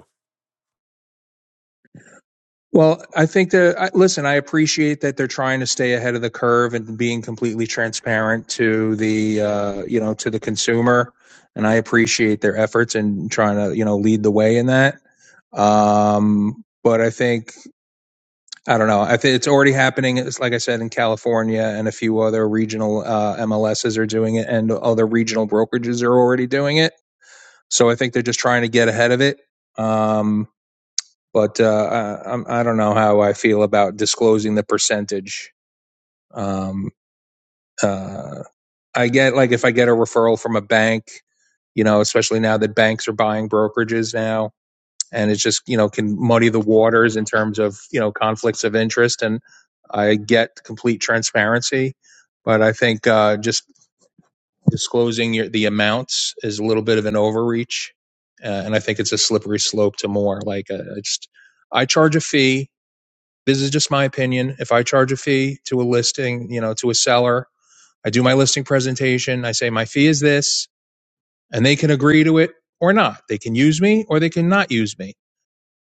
Well, I think that I, listen, I appreciate that they're trying to stay ahead of the curve and being completely transparent to the uh, you know to the consumer, and I appreciate their efforts in trying to you know lead the way in that. Um, but I think I don't know. I think it's already happening. It's like I said in California and a few other regional uh, MLSs are doing it, and other regional brokerages are already doing it. So I think they're just trying to get ahead of it. Um, but uh, I, I'm- i do not know how I feel about disclosing the percentage. Um, uh, I get like if I get a referral from a bank, you know, especially now that banks are buying brokerages now, and it just you know can muddy the waters in terms of you know conflicts of interest and i get complete transparency but i think uh, just disclosing your, the amounts is a little bit of an overreach uh, and i think it's a slippery slope to more like uh, I just i charge a fee this is just my opinion if i charge a fee to a listing you know to a seller i do my listing presentation i say my fee is this and they can agree to it or not they can use me or they can not use me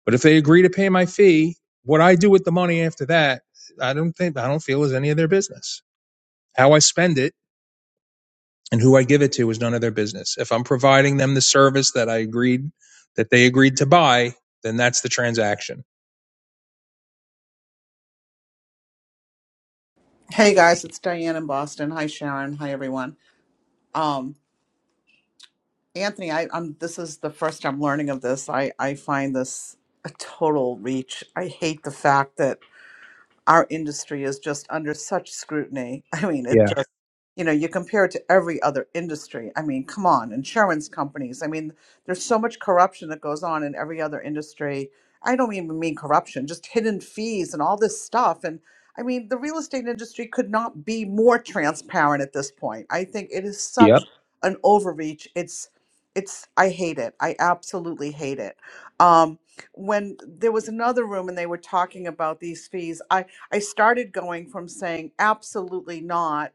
but if they agree to pay my fee, what I do with the money after that, I don't think I don't feel is any of their business. How I spend it and who I give it to is none of their business. If I'm providing them the service that I agreed that they agreed to buy, then that's the transaction. Hey guys, it's Diane in Boston. Hi Sharon. Hi everyone. Um, Anthony, I, I'm. This is the first I'm learning of this. I I find this a total reach. I hate the fact that our industry is just under such scrutiny. [laughs] I mean, it Yeah. just, you know, you compare it to every other industry. I mean, come on, insurance companies. I mean, there's so much corruption that goes on in every other industry. I don't even mean corruption, just hidden fees and all this stuff. And I mean, the real estate industry could not be more transparent at this point. I think it is such Yep. an overreach. It's, it's, I hate it. I absolutely hate it. Um, when there was another room and they were talking about these fees, I. I started going from saying absolutely not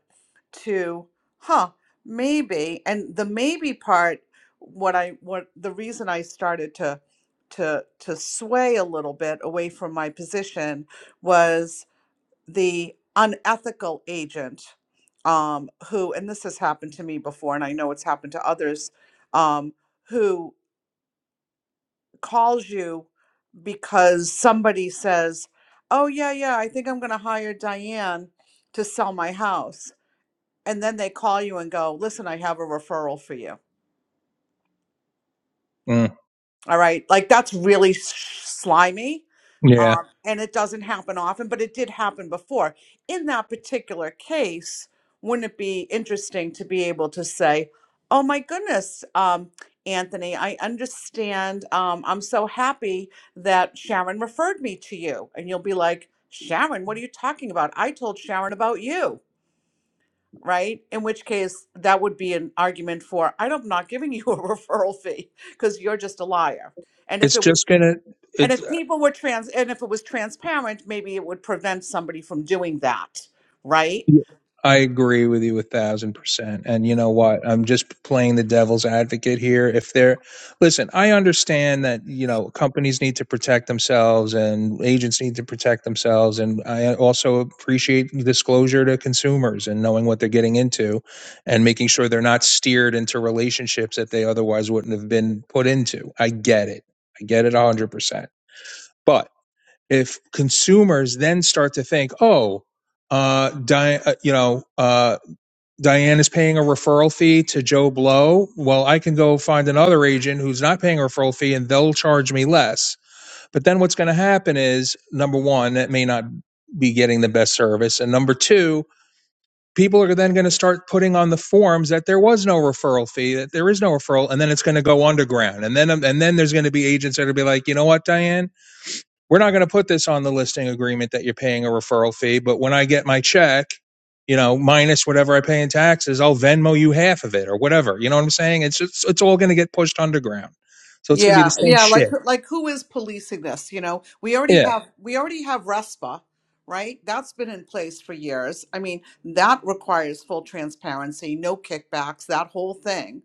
to huh, maybe. And the maybe part what I what the reason I started to to to sway a little bit away from my position was the unethical agent um who and this has happened to me before and I know it's happened to others um who calls you because somebody says, "Oh yeah, yeah, I think I'm going to hire Diane to sell my house." And then they call you and go, "Listen, I have a referral for you." Mm, All right. Like that's really s- slimy. yeah, Um, and it doesn't happen often, but it did happen before. In that particular case, wouldn't it be interesting to be able to say, oh my goodness, um, Anthony, I understand. Um, I'm so happy that Sharon referred me to you. And you'll be like, Sharon, what are you talking about? I told Sharon about you right? In which case, that would be an argument for I am not giving you a [laughs] referral fee because you're just a liar. And if it's it was, just gonna. and It's. if people were trans, and if it was transparent, maybe it would prevent somebody from doing that, right? Yeah, I agree with you a thousand percent. And you know what? I'm just playing the devil's advocate here. If they're, listen, I understand that, you know, companies need to protect themselves and agents need to protect themselves. And I also appreciate disclosure to consumers and knowing what they're getting into and making sure they're not steered into relationships that they otherwise wouldn't have been put into. I get it. I get it a 100%. if consumers then start to think, oh, uh, Di- uh, you know, uh, Diane is paying a referral fee to Joe Blow. Well, I can go find another agent who's not paying a referral fee and they'll charge me less. But then what's going to happen is number one, that may not be getting the best service. And number two, people are then going to start putting on the forms that there was no referral fee, that there is no referral. And then it's going to go underground. And then, and then there's going to be agents that are going to be like, you know what, Diane? we're not going to put this on the listing agreement that you're paying a referral fee, but when I get my check, you know, minus whatever I pay in taxes, I'll Venmo you half of it or whatever. You know what I'm saying? It's just, it's all going to get pushed underground. So it's going to be the Yeah, same yeah, like shit. like who is policing this? You know, we already Yeah. have we already have RESPA, right? That's been in place for years. I mean, that requires full transparency, no kickbacks, that whole thing.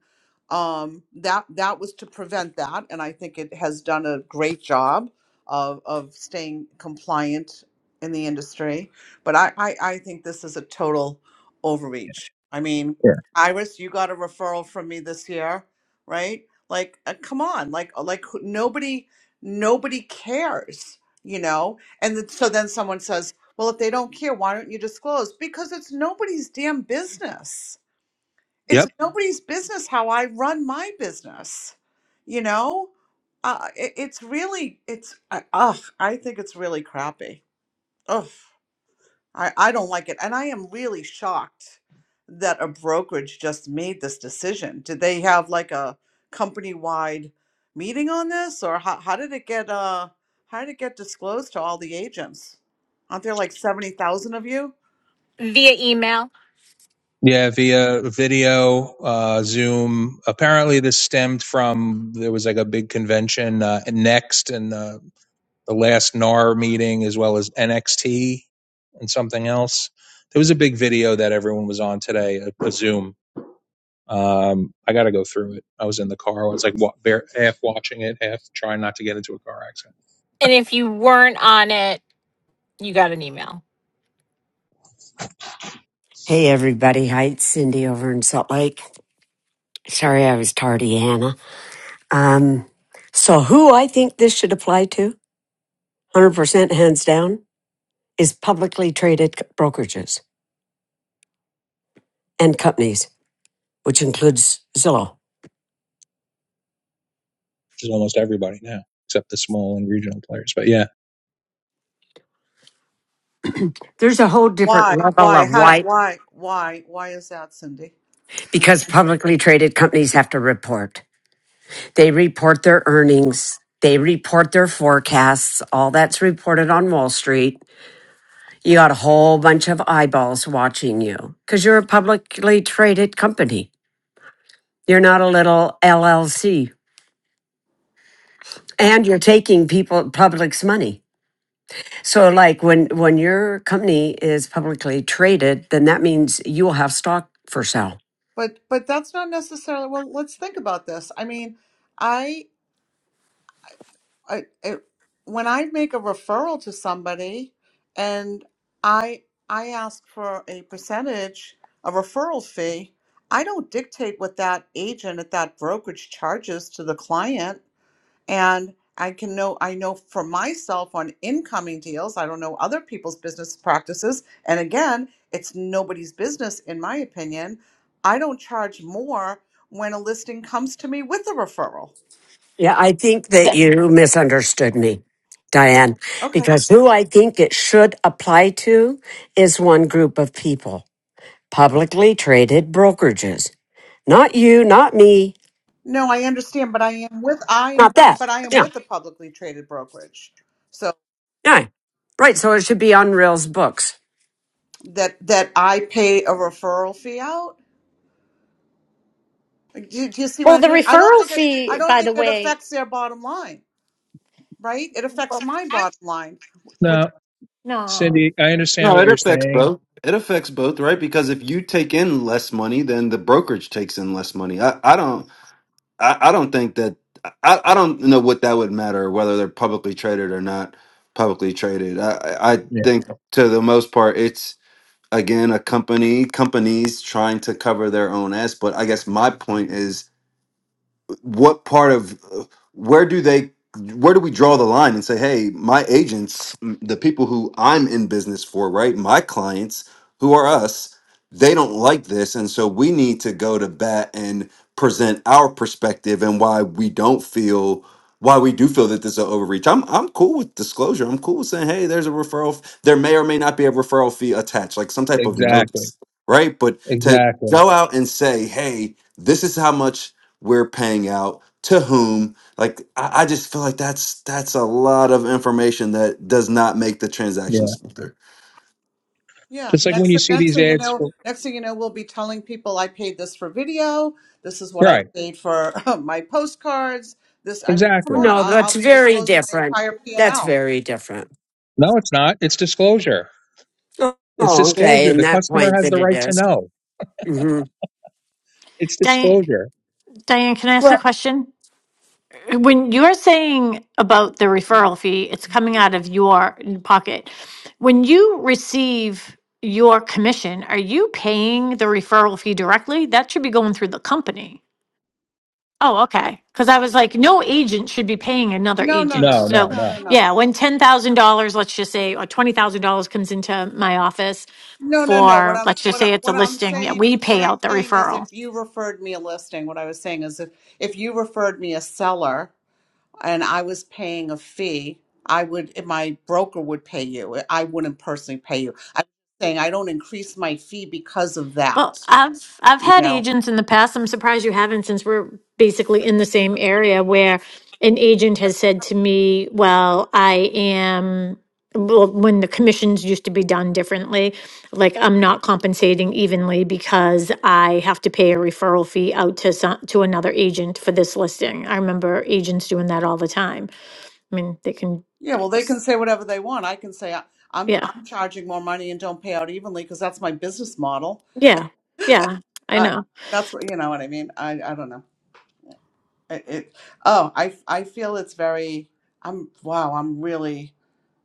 Um, that that was to prevent that, and I think it has done a great job of of staying compliant in the industry. But I I, I think this is a total overreach. I mean, Yeah. Iris, you got a referral from me this year, right? Like, uh, come on, like, uh, like who- nobody, nobody cares, you know. And then, so then someone says, "Well, if they don't care, why don't you disclose?" Because it's nobody's damn business. It's Yep. nobody's business how I run my business, you know. Uh, it, it's really, it's, uh, ugh, I think it's really crappy. Ugh. I, I don't like it. And I am really shocked that a brokerage just made this decision. Did they have like a company wide meeting on this or how, how did it get uh how did it get disclosed to all the agents? Aren't there like 70,000 of you? Via email. Yeah. Via video, uh, Zoom. Apparently this stemmed from, there was like a big convention, uh, next and, uh, the last NAR meeting as well as NXT and something else. There was a big video that everyone was on today, a, a Zoom Um, I got to go through it. I was in the car. I was like wa- bare, half watching it, half trying not to get into a car accident, And if you weren't on it, you got an email. Hey everybody, hi, it's Cindy over in Salt Lake. Sorry I was tardy, Hannah. Um, so who I think this should apply to, 100% hands down, is publicly traded c- brokerages and companies, which includes Zillow. which is almost everybody now, except the small and regional players. But yeah, There's a whole different Why level why of how why, why why why is that, Cindy? I'm because curious. publicly traded companies have to report. They report their earnings, they report their forecasts, all that's reported on Wall Street You got a whole bunch of eyeballs watching you because you're a publicly traded company. You're not a little LLC Ah, and you're taking people, public's money. So like when, when your company is publicly traded, then that means you will have stock for sale. But but that's not necessarily well, let's think about this. I mean, I I, it, when I make a referral to somebody and I I ask for a percentage, a referral fee, I don't dictate what that agent at that brokerage charges to the client. And I can know I know for myself on incoming deals, I don't know other people's business practices. And again, it's nobody's business in my opinion. I don't charge more when a listing comes to me with a referral. Yeah. I think that The, you misunderstood me, Diane, Okay. because who I think it should apply to is one group of people, publicly traded brokerages, not you, not me, No, I understand, but I am with I am not with, that. but I am Yeah. with a publicly traded brokerage, so Yeah. Right. So it should be on Reels books. that that I pay a referral fee out. Like, Do, do you see what well, I the mean? I don't referral think it. I fee, don't by think the it way, affects their bottom line, right? It affects well, my bottom line, which no, no. Cindy, I understand No, what it you're affects saying. both. It affects both, right? Because if you take in less money, then the brokerage takes in less money. I, I don't I, I don't think that I, I don't know what that would matter whether they're publicly traded or not publicly traded. I, I I Yeah, think to the most part it's again a company companies trying to cover their own ass. But I guess my point is what part of where do they where do we draw the line and say hey my agents m- the people who i'm in business for right my clients who are us they don't like this and so we need to go to bat and present our perspective and why we don't feel why we do feel that this is an overreach i'm i'm cool with disclosure i'm cool with saying hey there's a referral f- there may or may not be a referral fee attached like some type of Mhm. exactly, notice right but to exactly. go out and say hey this is how much we're paying out to whom like I, I just feel like that's that's a lot of information that does not make the transaction Yeah, smoother yeah. just like when Next you see next these thing you ads know, for next thing you know, we'll be telling people I paid this for video. This is what I right, paid for [laughs] my postcards. This, I mean, come exactly. on, No, I'll, I'll that's be very disclosing my different. entire P and That's L. very different. No, it's not. It's disclosure. Oh, It's okay. disclosure. In The that customer point has the that it right to is. know. Mm-hmm. It's Diane, disclosure. Diane, can I ask a What? question? When you're saying about the Mm-hmm. referral fee, it's coming out of your pocket. When you receive your commission, are you paying the referral fee directly? That should be going through the company. Oh, okay. Because I was like, no agent should be paying another No, no, agent. No, no, no, So, no, no, no. no, yeah, when $10,000, let's just say, or $20,000 comes into my office no, no, no. What for, I'm let's just what I, say it's a what I'm listing, yeah, saying we what pay I'm out the saying is if referral. you referred me a listing, what I was saying is if if you referred me a seller and I was paying a fee, I would if my broker would pay you. I wouldn't personally pay you. I'm saying I don't increase my fee because of Well, that. I've I've You had know. agents in the past. I'm surprised you haven't, since we're basically in the same area where an agent has said to me, "Well, I am." Well, when the commissions used to be done differently, like I'm not compensating evenly because I have to pay a referral fee out to some, to another agent for this listing. I remember agents doing that all the time. I mean, they can, Yeah, well, they can say whatever they want. I can say I- I'm yeah, I'm charging more money and don't pay out evenly because that's my business model. yeah, yeah. I Uh, know. that's what you know what I mean. I I don't know. It, it oh I I feel it's very I'm wow I'm really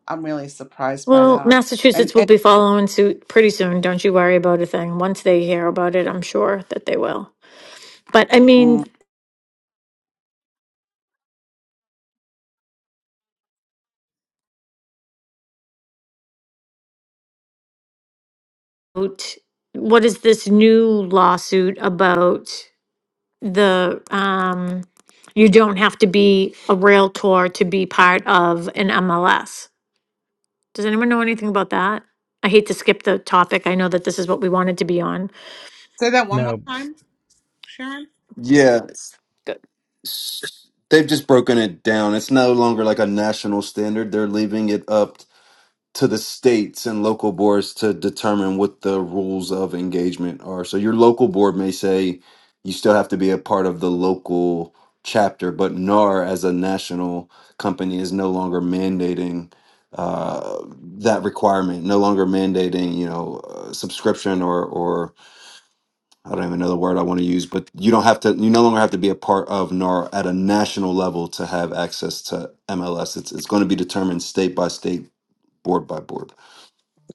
I'm really surprised by Well, that. And Massachusetts will and be following suit pretty soon. Don't you worry about a thing. Once they hear about it, I'm sure that they will. But I mm, mean, what what is this new lawsuit about the um you don't have to be a realtor to be part of an MLS. Does anyone know anything about that? I hate to skip the topic. I know that this is what we wanted to be on. say that one more No. time, Sharon. yeah s- they've just broken it down it's no longer like a national standard they're leaving it up to the states and local boards to determine what the rules of engagement are. So your local board may say you still have to be a part of the local chapter, but NAR as a national company is no longer mandating uh, that requirement, no longer mandating, you know, uh, subscription or, or I don't even know the word I want to use, but you don't have to, you no longer have to be a part of NAR at a national level to have access to MLS. It's, it's going to be determined state by state, board by board.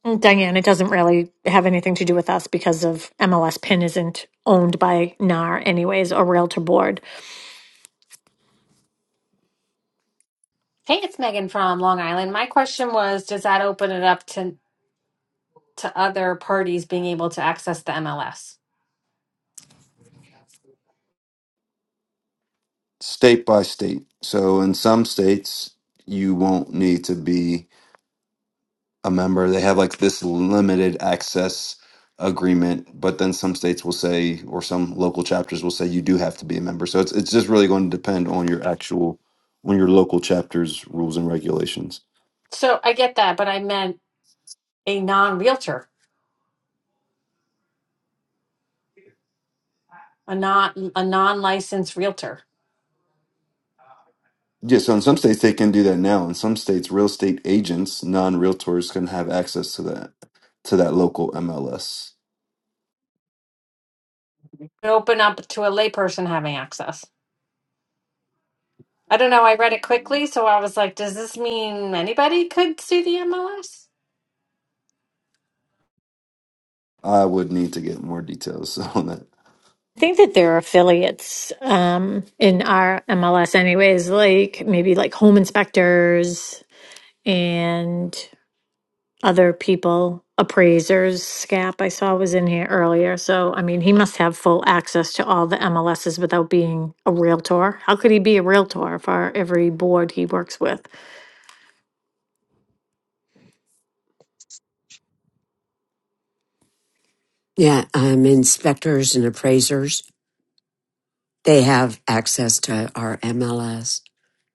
Mm, Diane, it doesn't really have anything to do with us because of MLS PIN isn't owned by NAR anyways or Realtor Board. Hey, it's Megan from Long Island. My question was, does that open it up to to other parties being able to access the MLS? state by state. So in some states, you won't need to be a member. They have like this limited access agreement, but then some states will say, or some local chapters will say, you do have to be a member. So it's it's just really going to depend on your actual on your local chapter's rules and regulations. So I get that, but I meant a non-realtor, a not a non-licensed realtor. Yeah, so in some states they can do that now. In some states, real estate agents, non-realtors, can have access to that to that local MLS. It open up to a layperson having access. I don't know. I read it quickly, so I was like, does this mean anybody could see the MLS? I would need to get more details [laughs] on that. I think that there are affiliates um, in our MLS anyways, like maybe like home inspectors and other people, appraisers. SCAP I saw was in here earlier. So I mean, he must have full access to all the MLSs without being a Realtor. How could he be a Realtor for every board he works with? Yeah. Um, inspectors and appraisers, they have access to our MLS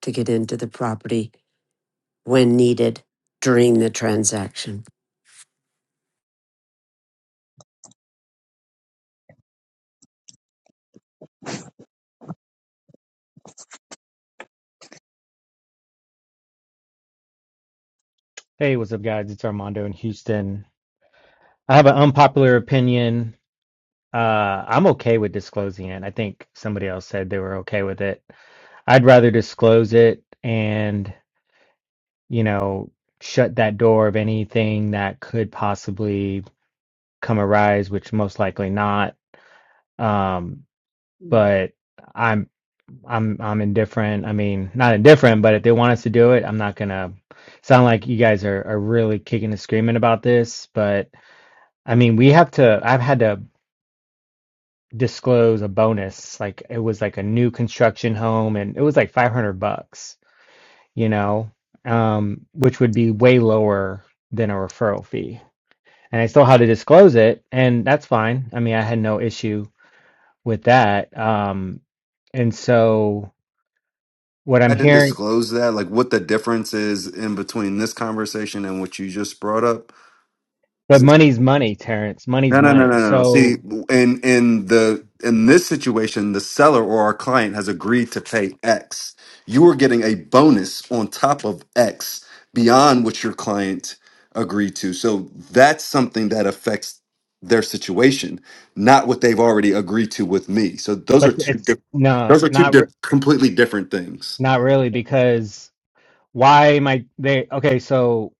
to get into the property when needed during the transaction. Hey, what's up, guys? It's Armando in Houston. I have an unpopular opinion. Uh, I'm okay with disclosing it. I think somebody else said they were okay with it. I'd rather disclose it and, you know, shut that door of anything that could possibly come arise, which most likely not. Um, but I'm I'm I'm indifferent. I mean, not indifferent, but if they want us to do it, I'm not gonna sound like you guys are, are really kicking and screaming about this, but I mean, we have to, I've had to disclose a bonus. Like it was like a new construction home and it was like 500 bucks, you know, um, which would be way lower than a referral fee. And I still had to disclose it, and that's fine. I mean, I had no issue with that. Um, and so what I'm had to hearing, disclose that, like what the difference is in between this conversation and what you just brought up? but money's money, Terrence. Money's No, no, no, money. no, no. no. See, So, in in the in this situation, the seller or our client has agreed to pay X. You are getting a bonus on top of X beyond what your client agreed to. So that's something that affects their situation, not what they've already agreed to with me. So those are but two it's different. no, Those are two not di- re- completely different things. not really because why am I they okay, so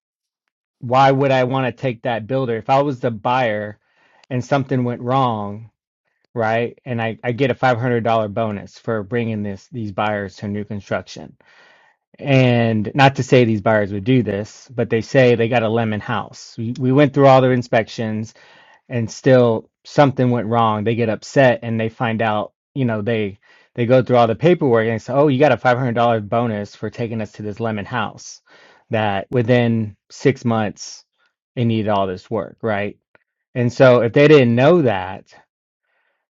why would I want to take that builder? If I was the buyer and something went wrong, right? And I, I get a $500 bonus for bringing this, these buyers to new construction. And not to say these buyers would do this, but they say they got a lemon house. We, we went through all their inspections and still something went wrong. They get upset and they find out, you know, they they go through all the paperwork and say, "Oh, you got a $500 bonus for taking us to this lemon house." That within 6 months it needed all this work, right? And so if they didn't know that,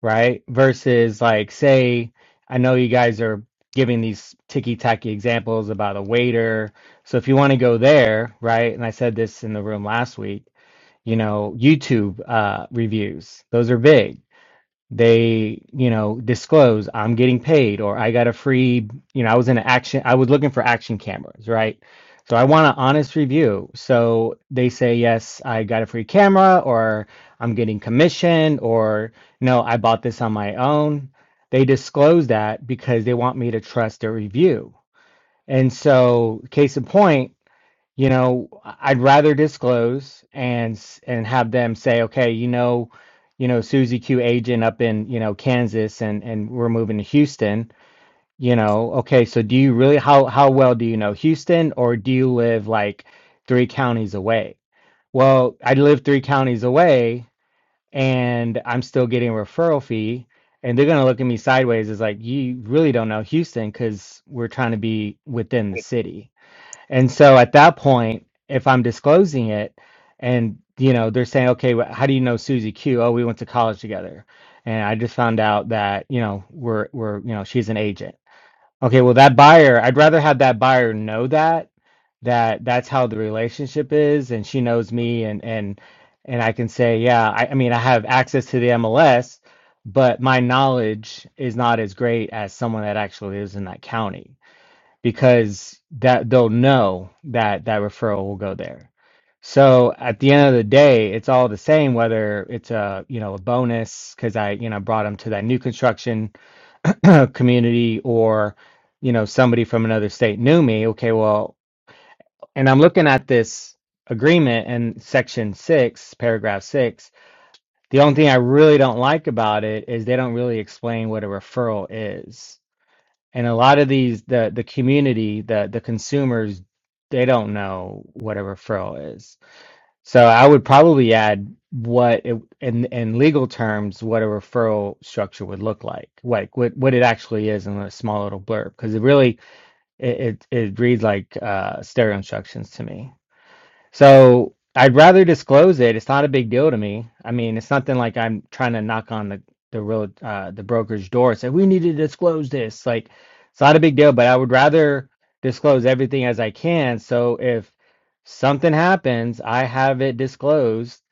right? Versus like say I know you guys are giving these ticky-tacky examples about a waiter. So if you want to go there, right? And I said this in the room last week, you know, YouTube uh, reviews. Those are big. They, you know, disclose I'm getting paid or I got a free, you know, I was in an action, I was looking for action cameras, right? So I want an honest review. So they say, yes, I got a free camera or I'm getting commission or no, I bought this on my own. They disclose that because they want me to trust their review. And so, case in point, you know i'd rather disclose and and have them say okay you know you know susie q agent up in you know kansas and and we're moving to houston you know okay so do you really how how well do you know houston or do you live like three counties away well i live three counties away and i'm still getting a referral fee and they're going to look at me sideways as like you really don't know houston because we're trying to be within the city and so at that point, if I'm disclosing it and you know, they're saying, okay, wh- how do you know Susie Q? Oh, we went to college together. And I just found out that, you know, we're, we're, you know, she's an agent. Okay. Well, that buyer, I'd rather have that buyer know that, that that's how the relationship is. And she knows me and, and, and I can say, yeah, I, I mean, I have access to the MLS, but my knowledge is not as great as someone that actually lives in that county because that they'll know that that referral will go there. So at the end of the day, it's all the same whether it's a you know a bonus because I you know brought them to that new construction [clears throat] community or you know somebody from another state knew me. Okay, well, and I'm looking at this agreement in section six, paragraph six. The only thing I really don't like about it is they don't really explain what a referral is and a lot of these, the the community, the the consumers, they don't know whatever furl is. So I would probably add what it, in in legal terms, what a referral structure would look like, like what what it actually is in a small little blurb, because it really it, it it reads like uh, stereo instructions to me. So I'd rather disclose it. It's not a big deal to me. I mean, it's nothing like I'm trying to knock on the the real uh, the brokerage door and say we need to disclose this. Like it's not a big deal, but I would rather disclose everything as I can. So if something happens, I have it disclosed,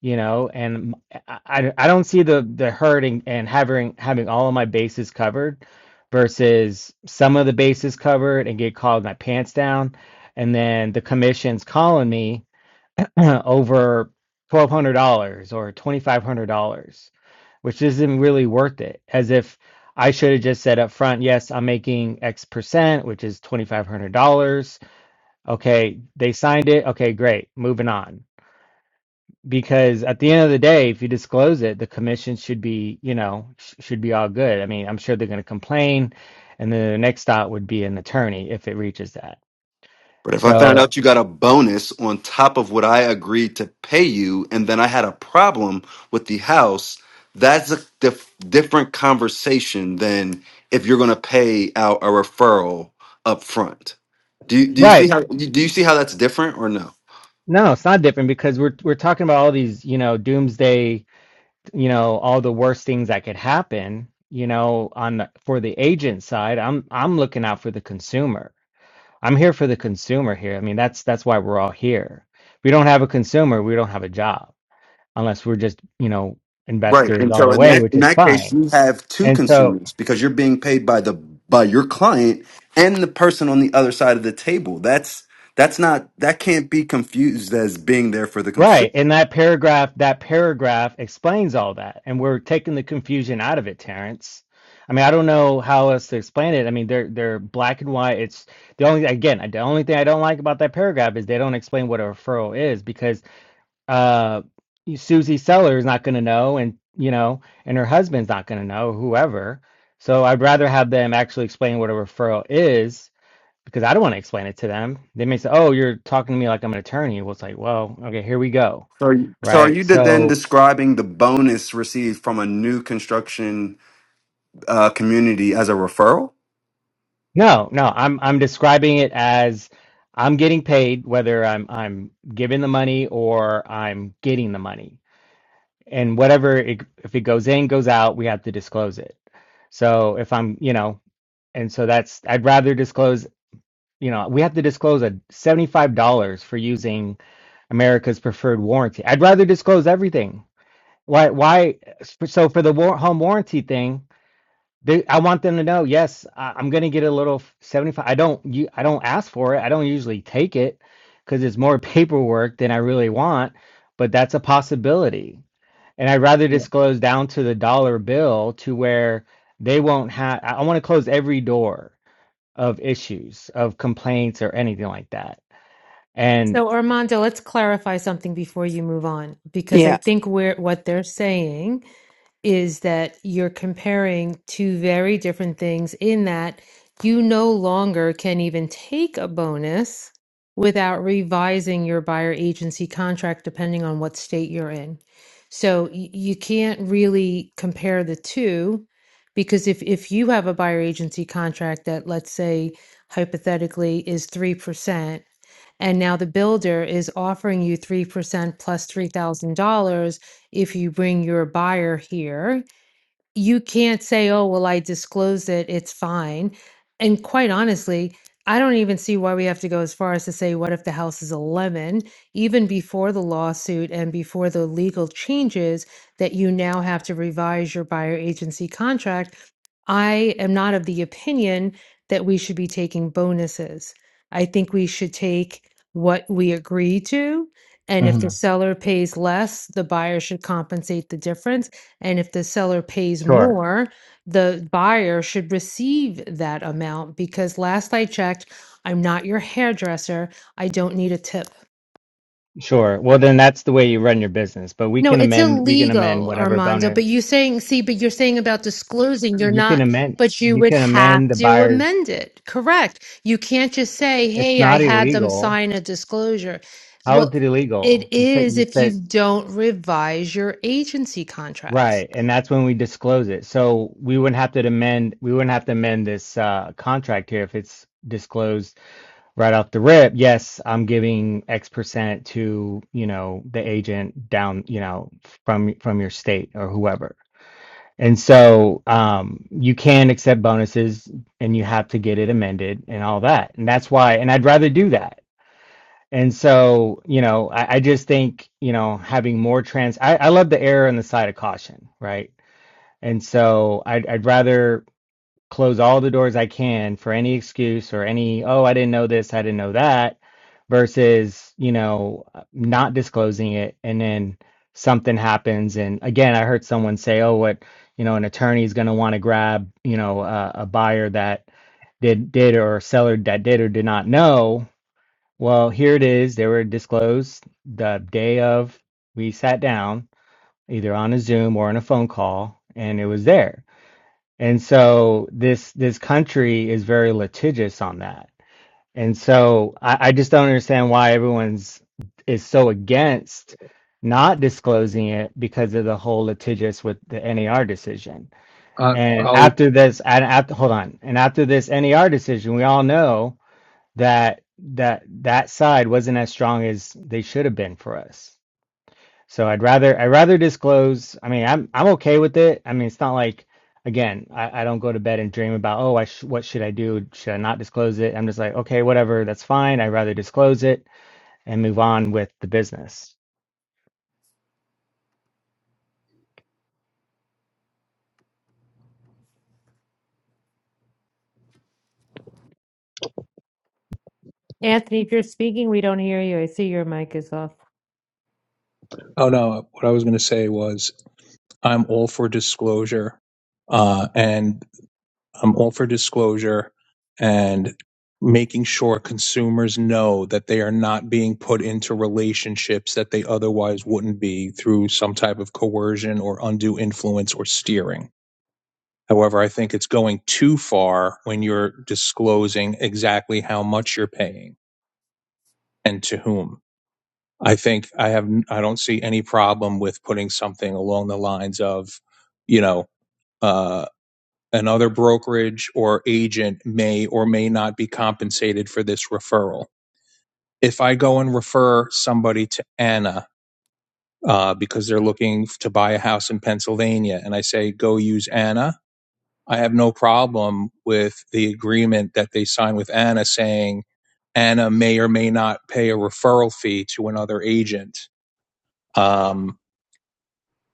you know, and I, I I don't see the the hurting and and having having all of my bases covered versus some of the bases covered and get called my pants down, and then the commission's calling me [laughs] [clears throat] over twelve hundred dollars or twenty five hundred dollars, which isn't really worth it. As if I should have just said up front, yes, I'm making X percent, which is twenty five hundred dollars. Okay, they signed it. Okay, great, moving on. Because at the end of the day, if you disclose it, the commission should be, you know, sh- should be all good. I mean, I'm sure they're going to complain, and then the next stop would be an attorney if it reaches that. But if I found So, out you got a bonus on top of what I agreed to pay you, and then I had a problem with the house, that's a dif- different conversation than if you're going to pay out a referral up front. Do you, do you see right, how do you see how that's different or no? no, it's not different because we're we're talking about all these, you know, doomsday you know all the worst things that could happen you know on the, for the agent side i'm i'm looking out for the consumer i'm here for the consumer here i mean that's that's why we're all here if we don't have a consumer we don't have a job unless we're just you know Right. investors And all so the in way that which in is that case, fine you have two and so consumers because you're being paid by the by your client and the person on the other side of the table. That's that's not that can't be confused as being there for the consumer. Right. And that paragraph, that paragraph explains all that. And we're taking the confusion out of it, Terrence. I mean, I don't know how else to explain it. I mean, they're they're black and white. It's the only again, the only thing I don't like about that paragraph is they don't explain what a referral is because uh Susie Seller is not going to know and you know, and her husband's not going to know, whoever. So I'd rather have them actually explain what a referral is because I don't want to explain it to them. They may say, "Oh, you're talking to me like I'm an attorney." Well, it's like, "Well, okay, here we go." So, so are right? you then So describing the bonus received from a new construction uh, community as a referral? no, no, I'm I'm describing it as I'm getting paid whether I'm I'm giving the money or I'm getting the money. And whatever it, if it goes in, goes out, we have to disclose it. So if I'm, you know, and so that's I'd rather disclose, you know, we have to disclose a $75 for using America's preferred warranty. I'd rather disclose everything. Why why so for the war, home warranty thing, They, I want them to know, yes, I, I'm going to get a little 75. I don't, you, I don't ask for it. I don't usually take it because it's more [laughs] paperwork than I really want, but that's a possibility. And I'd rather Yeah. disclose down to the dollar bill to where they won't have, I I want to close every door of issues, of complaints or anything like that. And So Armando, let's clarify something before you move on, because I Yeah. think we're what they're saying is that you're comparing two very different things in that you no longer can even take a bonus without revising your buyer agency contract depending on what state you're in. So y- you can't really compare the two because if if you have a buyer agency contract that let's say hypothetically is 3% and now the builder is offering you 3% $3,000 if you bring your buyer here, you can't say, oh, well, I disclosed it, it's fine. And quite honestly, I don't even see why we have to go as far as to say, what if the house is a lemon? Even before the lawsuit and before the legal changes that you now have to revise your buyer agency contract, I am not of the opinion that we should be taking bonuses. I think we should take what we agree to. And if the Mhm. seller pays less, the buyer should compensate the difference and if the seller pays sure, more, the buyer should receive that amount because last I checked, I'm not your hairdresser. I don't need a tip. sure. Well, then that's the way you run your business, but we No, can it's amend, we can amend illegal, whatever Armando. But bonus you saying, see, but you're saying about disclosing, you're you can not, amend, but you you would can have amend the to buyer's amend it. Correct. You can't just say, It's hey, I not had them illegal. sign a disclosure. How is Well, it illegal? it You said is you if said you don't revise your agency contract. right, and that's when we disclose it. So we wouldn't have to amend we wouldn't have to amend this uh, contract here if it's disclosed right off the rip. Yes, I'm giving X percent to, you know, the agent down, you know, from from your state or whoever. And so um, you can accept bonuses and you have to get it amended and all that. And that's why, and I'd rather do that. And so, you know, I, I just think, you know, having more trans, I, I love the error on the side of caution, right? And so I'd, I'd rather close all the doors I can for any excuse or any, oh, I didn't know this, I didn't know that, versus, you know, not disclosing it. And then something happens. And again, I heard someone say, oh, what, you know, an attorney is going to want to grab, you know, uh, a buyer that did, did or a seller that did or did not know well, here it is. They were disclosed the day of we sat down, either on a Zoom or on a phone call, and it was there. And so this this country is very litigious on that. And so I, I just don't understand why everyone's is so against not disclosing it because of the whole litigious with the NAR decision. Uh, And I'll. after this, and after hold on, and after this NAR decision, we all know that that that side wasn't as strong as they should have been for us. So I'd rather I'd rather disclose. I mean, I'm I'm okay with it. I mean, it's not like again, I, I don't go to bed and dream about oh, I sh what should I do? Should I not disclose it? I'm just like okay, whatever, that's fine. I'd rather disclose it and move on with the business. Anthony, if you're speaking, we don't hear you. I see your mic is off. Oh no. What I was going to say was I'm all for disclosure, uh, and I'm all for disclosure and making sure consumers know that they are not being put into relationships that they otherwise wouldn't be through some type of coercion or undue influence or steering. However, I think it's going too far when you're disclosing exactly how much you're paying and to whom. I think I have I don't see any problem with putting something along the lines of, you know, uh another brokerage or agent may or may not be compensated for this referral. If I go and refer somebody to Anna uh, because they're looking to buy a house in Pennsylvania and I say, go use Anna, I have no problem with the agreement that they sign with Anna saying Anna may or may not pay a referral fee to another agent. Um,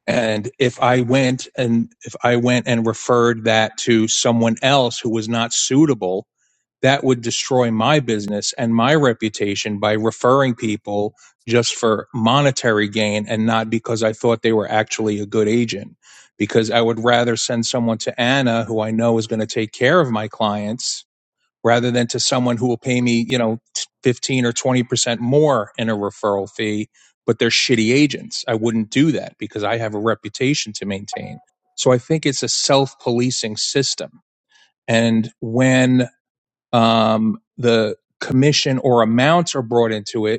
and if i went and if i went and referred that to someone else who was not suitable that would destroy my business and my reputation by referring people just for monetary gain and not because i thought they were actually a good agent because i would rather send someone to anna who i know is going to take care of my clients rather than to someone who will pay me, you know, 15 or 20% more in a referral fee, but they're shitty agents. I wouldn't do that because I have a reputation to maintain. So I think it's a self-policing system. And when um, the commission or amounts are brought into it,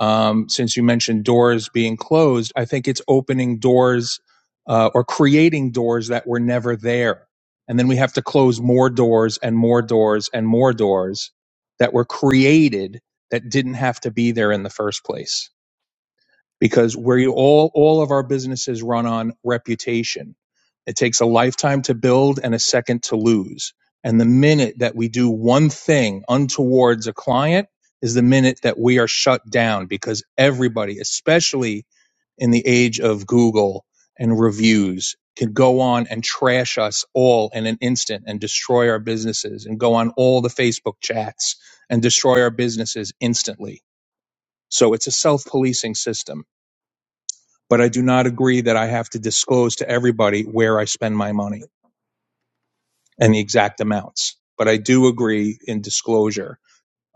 um, since you mentioned doors being closed, I think it's opening doors uh, or creating doors that were never there. And then we have to close more doors and more doors and more doors that were created that didn't have to be there in the first place because where you all all of our businesses run on reputation. It takes a lifetime to build and a second to lose. And the minute that we do one thing untowards a client is the minute that we are shut down because everybody, especially in the age of Google and reviews, can go on and trash us all in an instant and destroy our businesses and go on all the Facebook chats and destroy our businesses instantly. So it's a self policing system but I do not agree that I have to disclose to everybody where I spend my money and the exact amounts. But I do agree in disclosure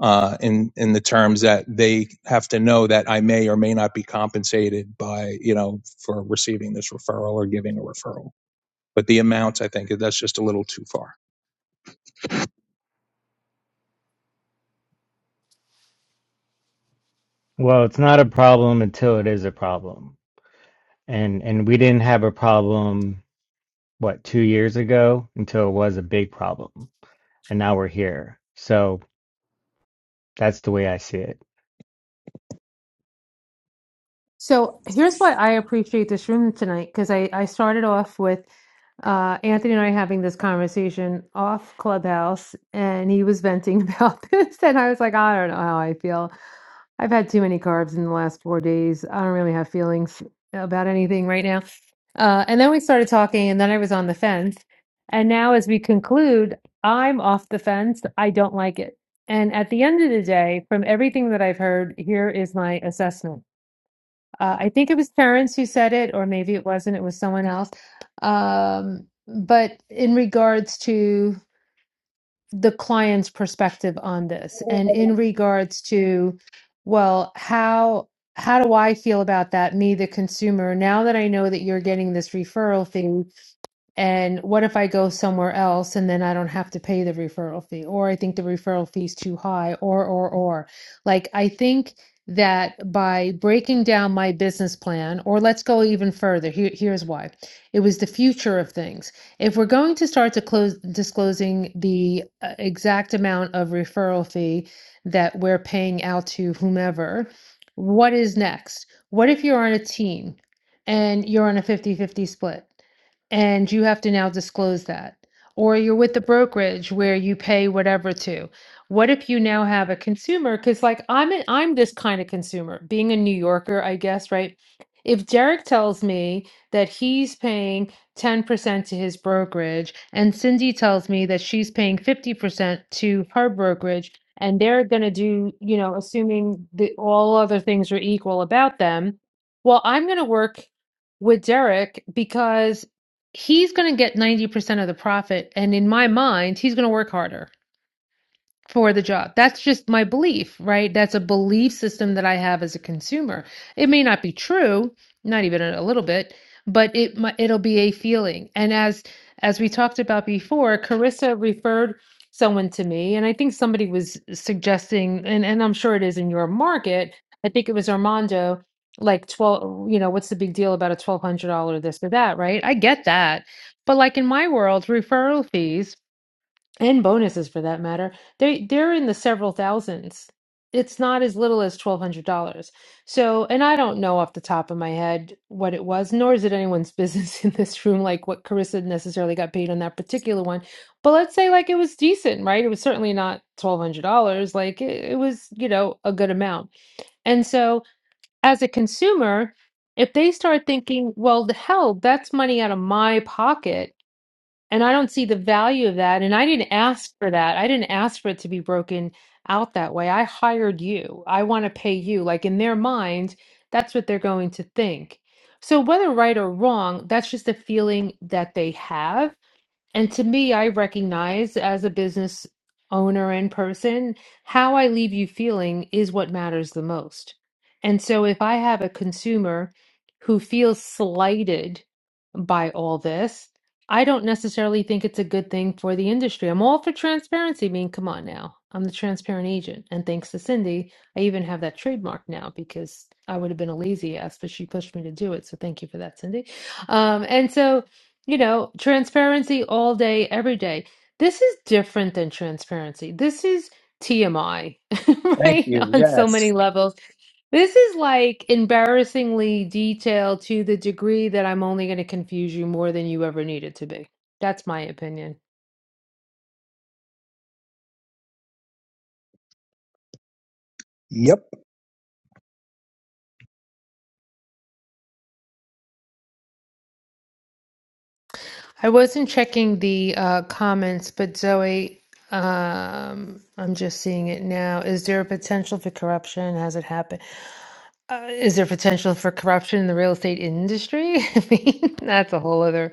uh, in in the terms that they have to know that I may or may not be compensated by you know for receiving this referral or giving a referral. But the amounts, I think that's just a little too far. Well, it's not a problem until it is a problem, and and we didn't have a problem what two years ago until it was a big problem, and now we're here. So that's the way I see it. So here's what I appreciate this room tonight because I, I started off with uh, Anthony and I having this conversation off Clubhouse, and he was venting [laughs] about this, and I was like, I don't know how I feel. I've had too many carbs in the last four days. I don't really have feelings about anything right now. Uh, and then we started talking, and then I was on the fence. And now, as we conclude, I'm off the fence. I don't like it. And at the end of the day, from everything that I've heard, here is my assessment. Uh, I think it was Terrence who said it, or maybe it wasn't. It was someone else. Um, but in regards to the client's perspective on this and in regards to well how how do i feel about that me the consumer now that i know that you're getting this referral fee and what if I go somewhere else and then I don't have to pay the referral fee? Or I think the referral fee is too high, or, or, or. Like, I think that by breaking down my business plan, or let's go even further, here, here's why it was the future of things. If we're going to start to close, disclosing the uh, exact amount of referral fee that we're paying out to whomever, what is next? What if you're on a team and you're on a fifty-fifty split? and you have to now disclose that. Or you're with the brokerage where you pay whatever to. What if you now have a consumer? Because like I'm a, I'm this kind of consumer, being a New Yorker, I guess, right? If Derek tells me that he's paying 10% to his brokerage, and Cindy tells me that she's paying 50% to her brokerage, and they're gonna do, you know, assuming that all other things are equal about them, well, I'm gonna work with Derek because he's going to get 90% of the profit and in my mind he's going to work harder for the job. That's just my belief, right? That's a belief system that I have as a consumer. It may not be true, not even a little bit, but it it'll be a feeling. And as as we talked about before, Carissa referred someone to me, and I think somebody was suggesting, and and I'm sure it is in your market. I think it was Armando, like twelve. You know, what's the big deal about a twelve hundred dollar this or that, right? I get that, but like in my world, referral fees and bonuses for that matter they they're in the several thousands it's not as little as $1200 so and i don't know off the top of my head what it was nor is it anyone's business [laughs] in this room like what carissa necessarily got paid on that particular one but let's say like it was decent right it was certainly not $1200 like it, it was you know a good amount and so as a consumer if they start thinking well the hell that's money out of my pocket and I don't see the value of that. And I didn't ask for that. I didn't ask for it to be broken out that way. I hired you. I want to pay you. Like in their mind, that's what they're going to think. So, whether right or wrong, that's just a feeling that they have. And to me, I recognize as a business owner and person, how I leave you feeling is what matters the most. And so if I have a consumer who feels slighted by all this, I don't necessarily think it's a good thing for the industry. I'm all for transparency. I mean, come on now. I'm the transparent agent. And thanks to Cindy, I even have that trademark now because I would have been a lazy ass, but she pushed me to do it. So thank you for that, Cindy. Um, and so you know, transparency all day, every day. This is different than transparency. This is TMI, [laughs] Thank right? you. On so Yes. many levels. This is like embarrassingly detailed to the degree that I'm only going to confuse you more than you ever needed to be. That's my opinion. I wasn't checking the uh, comments, but Zoe, um, I'm just seeing it now. Is there a potential for corruption? Has it happened? Uh, is there potential for corruption in the real estate industry? [laughs] I mean, that's a whole other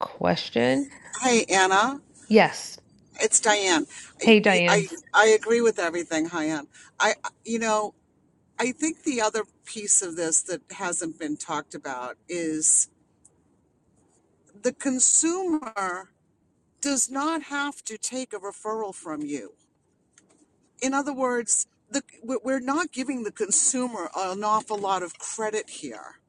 question. Hi, Anna. Yes. It's Diane. I, Hey, Diane. I, I agree with everything, Hi, Ann. I, you know, I think the other piece of this that hasn't been talked about is. the consumer does not have to take a referral from you. In other words, the, we- are not giving the consumer an awful lot of credit here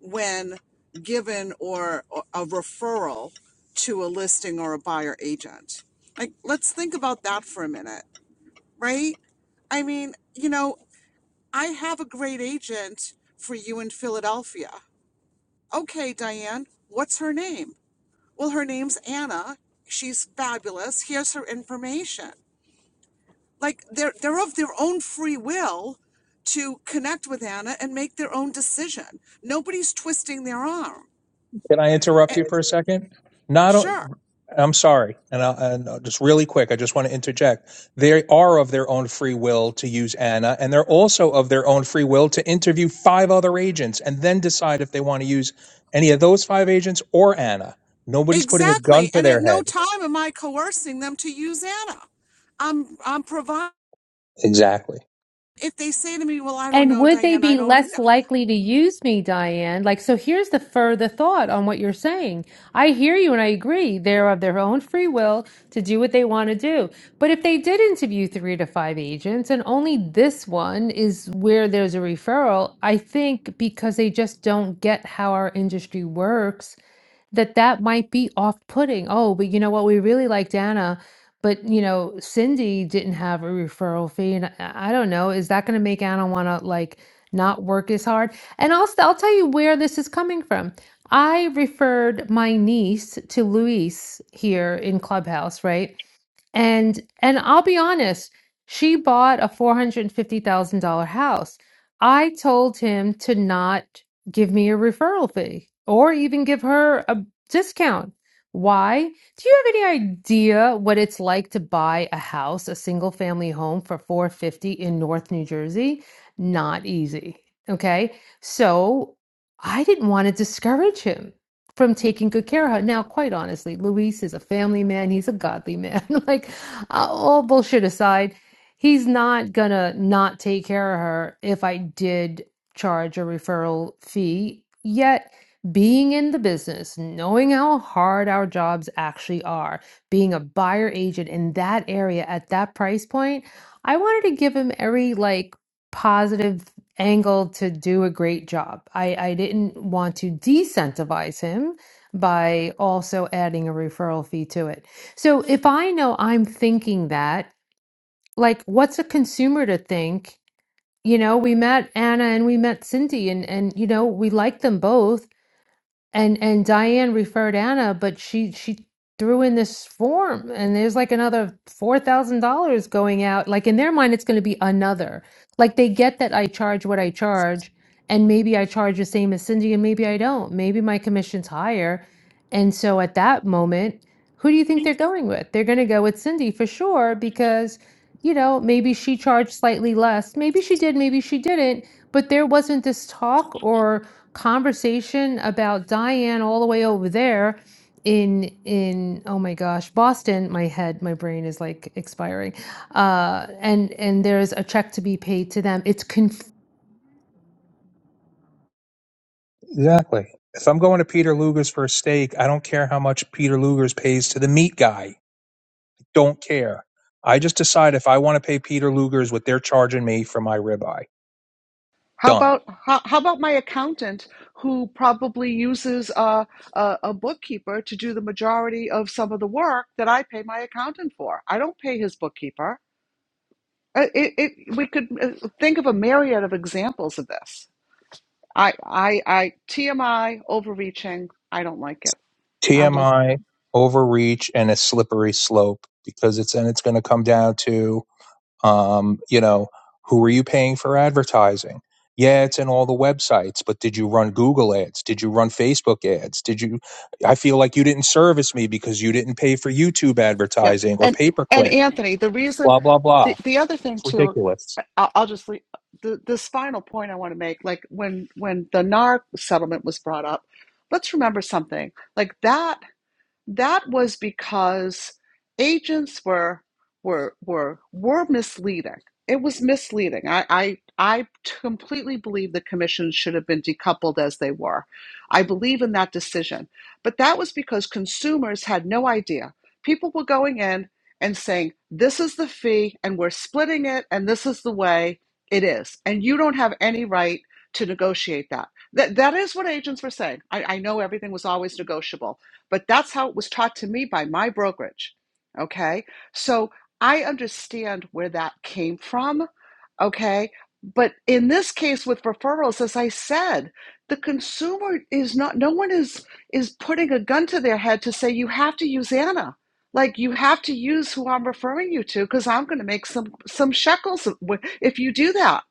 when given or or a referral to a listing or a buyer agent. Like, let's think about that for a minute, right? I mean, you know, I have a great agent for you in Philadelphia. Okay, Diane, what's her name? well her name's anna she's fabulous here's her information like they're they're of their own free will to connect with anna and make their own decision nobody's twisting their arm Can I interrupt Eh, you for a second? Not, o- sure I'm sorry, and, I, and I'll just really quick, I just want to interject. They are of their own free will to use Anna, and they're also of their own free will to interview five other agents and then decide if they want to use any of those five agents or Anna. Nobody's putting a exactly gun to and at their no head. time am i coercing them to use anna i'm i'm providing Exactly. if they say to me well i don't And know would they diane i be don't less likely to use me, Diane? Like, so here's the further thought on what you're saying. I hear you and I agree. They're of their own free will to do what they want to do. But if they did interview three to five agents and only this one is where there's a referral, I think because they just don't get how our industry works that that might be off-putting. Oh, but you know what? We really liked Anna, but you know, Cindy didn't have a referral fee, and I, I don't know. Is that going to make Anna want to like not work as hard? And I'll I'll tell you where this is coming from. I referred my niece to Luis here in Clubhouse, right? and and I'll be honest, she bought a four hundred and fifty thousand dollar house. I told him to not give me a referral fee or even give her a discount. Why? Do you have any idea what it's like to buy a house, a single family home for 450 in North New Jersey? Not easy. Okay? So, I didn't want to discourage him from taking good care of her. Now, quite honestly, Luis is a family man. He's a godly man. [laughs] like, uh, all bullshit aside, he's not gonna not take care of her if I did charge a referral fee. Yet, being in the business, knowing how hard our jobs actually are, being a buyer agent in that area at that price point, I wanted to give him every like positive angled to do a great job. I, I didn't want to decentivize him by also adding a referral fee to it. So if I know I'm thinking that, like, what's a consumer to think? You know, we met Anna and we met Cindy, and and you know we like them both and and Diane referred Anna, but she she threw in this form, and there's like another four thousand dollars going out. Like in their mind, it's going to be another. Like they get that I charge what I charge, and maybe I charge the same as Cindy, and maybe I don't. Maybe my commission's higher, and so at that moment, who do you think they're going with? They're going to go with Cindy for sure because. You know, maybe she charged slightly less. Maybe she did, maybe she didn't, but there wasn't this talk or conversation about Diane all the way over there in in oh my gosh Boston my head my brain is like expiring uh and and there's a check to be paid to them it's conf- Exactly. If I'm going to Peter Luger's for a steak, I don't care how much Peter Luger's pays to the meat guy. Don't care. I just decide if I want to pay Peter Luger's what they're charging me for my ribeye. How Done. about how, how about my accountant who probably uses a, a a bookkeeper to do the majority of some of the work that I pay my accountant for? I don't pay his bookkeeper. Uh, It, it, we could uh, think of a myriad of examples of this. I I I TMI overreaching. I don't like it. I'm with. TMI, overreach, and a slippery slope because it's and it's going to come down to, um, you know, who are you paying for advertising? Yeah, it's in all the websites, but did you run Google ads? Did you run Facebook ads? Did you? I feel like you didn't service me because you didn't pay for YouTube Yep. advertising or And pay per and click. Anthony, the reason Blah blah the, blah. the other thing It's too, ridiculous. I'll, I'll just leave the, this final point I want to make. Like when when the NAR settlement was brought up, let's remember something. Like that. That was because agents were were were were misleading. It was misleading. I I, I completely believe the commissions should have been decoupled as they were. I believe in that decision. But that was because consumers had no idea. People were going in and saying, this is the fee and we're splitting it and this is the way it is. And you don't have any right to negotiate that. That that is what agents were saying. I, I know everything was always negotiable but that's how it was taught to me by my brokerage. Okay. So I understand where that came from. Okay. But in this case with referrals, as I said, the consumer is not, no one is, is putting a gun to their head to say, you have to use Anna. Like you have to use who I'm referring you to because I'm going to make some, some shekels if you do that.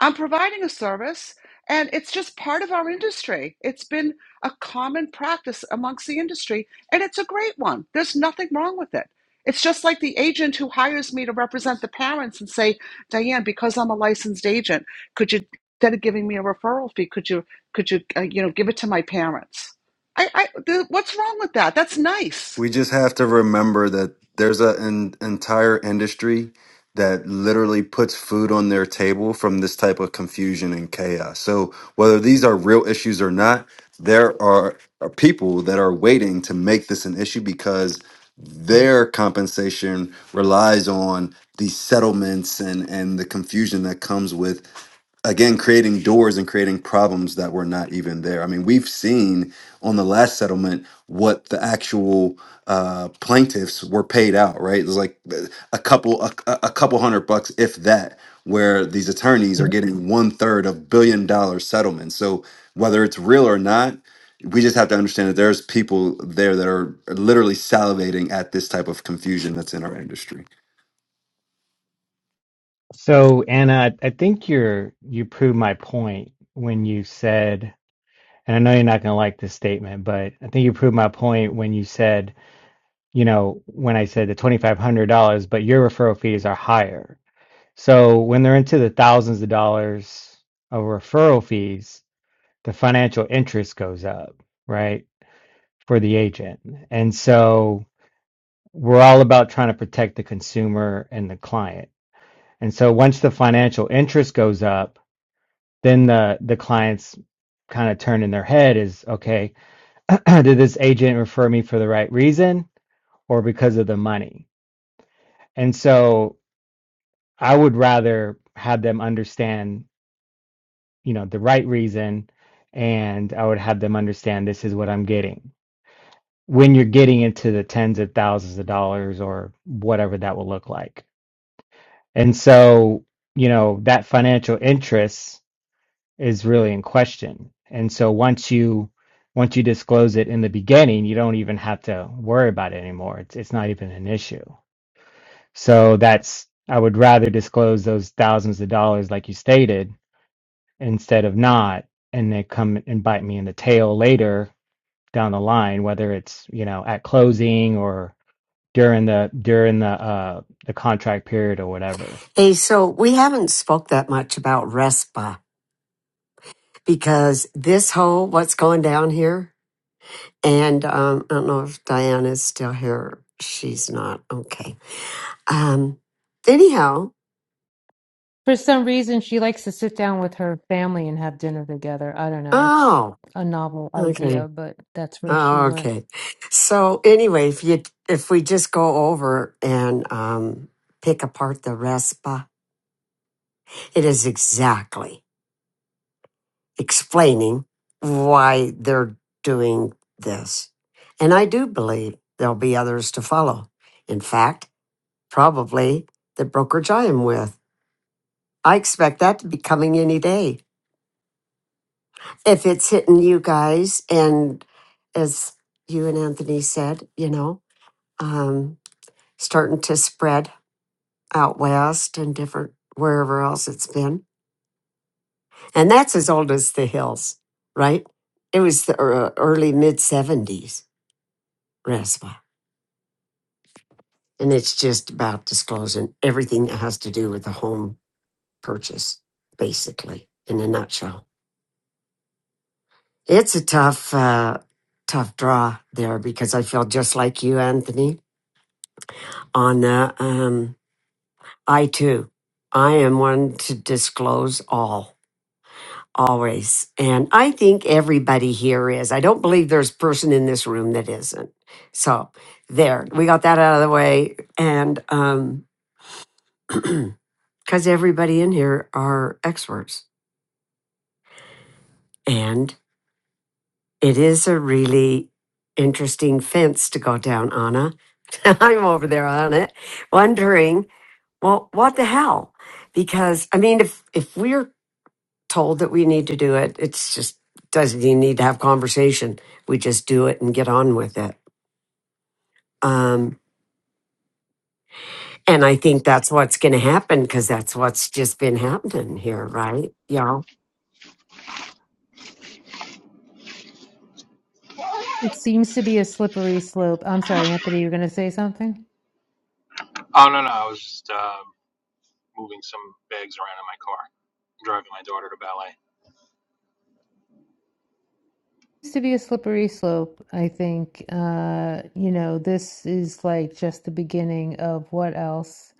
I'm providing a service, and it's just part of our industry. It's been a common practice amongst the industry, and it's a great one. There's nothing wrong with it. It's just like the agent who hires me to represent the parents and say, Diane, because I'm a licensed agent, could you instead of giving me a referral fee, could you could you uh, you know give it to my parents? I, I th- what's wrong with that? That's nice. We just have to remember that there's a- an entire industry that literally puts food on their table from this type of confusion and chaos. So, whether these are real issues or not, there are, are people that are waiting to make this an issue because their compensation relies on these settlements and, and the confusion that comes with again creating doors and creating problems that were not even there i mean we've seen on the last settlement what the actual uh, plaintiffs were paid out right it was like uh, a couple a a couple hundred bucks if that where these attorneys are getting one third of billion dollar settlements so whether it's real or not we just have to understand that there's people there that are literally salivating at this type of confusion that's in our industry So, Anna, I I think you're you proved my point when you said, and I know you're not going to like this statement, but I think you proved my point when you said, you know, when I said the $2,500, but your referral fees are higher. So when they're into the thousands of dollars of referral fees, the financial interest goes up, right, for the agent. And so we're all about trying to protect the consumer and the client. And so once the financial interest goes up, then the the clients kind of turn in their head is okay [clears throat] did this agent refer me for the right reason or because of the money and so i would rather have them understand you know the right reason and i would have them understand this is what i'm getting when you're getting into the tens of thousands of dollars or whatever that will look like and so you know that financial interest is really in question. And so once you once you disclose it in the beginning, you don't even have to worry about it anymore. It's it's not even an issue. So that's I would rather disclose those thousands of dollars like you stated instead of not and they come and bite me in the tail later down the line whether it's, you know, at closing or during the during the uh the contract period or whatever. Hey, so we haven't spoke that much about RESPA because this whole what's going down here And um, I don't know if Diana's still here. She's not. Okay. Um, anyhow, for some reason she likes to sit down with her family and have dinner together I don't know it's oh, a novel okay. idea but that's where she Oh, went okay. So anyway, if you if we just go over and um, pick apart the RESPA, it is exactly explaining why they're doing this. And I do believe there'll be others to follow. In fact, probably the brokerage I am with. I expect that to be coming any day. If it's hitting you guys, and as you and Anthony said, you know, um, starting to spread out west and different wherever else it's been. And that's as old as the hills, right? It was the ear- early mid 70s, RESPA. And it's just about disclosing everything that has to do with the home purchase, basically, in a nutshell. It's a tough, uh, tough draw there because I feel just like you, Anthony. On uh, um, I too, I am one to disclose all, always, and I think everybody here is. I don't believe there's a person in this room that isn't. So there, we got that out of the way, and um, [clears throat] because everybody in here are experts, and It is a really interesting fence to go down, Anna. [laughs] I'm over there on it, wondering, well, what the hell? Because I mean, if if we're told that we need to do it, it's just doesn't even need to have conversation. We just do it and get on with it. Um, And I think that's what's going to happen because that's what's just been happening here, right? Y'all. it seems to be a slippery slope I'm sorry Anthony you're going to say something Oh no, no, I was just uh, moving some bags around in my car, driving my daughter to ballet. to be a slippery slope. I think, uh, you know, this is like just the beginning of what else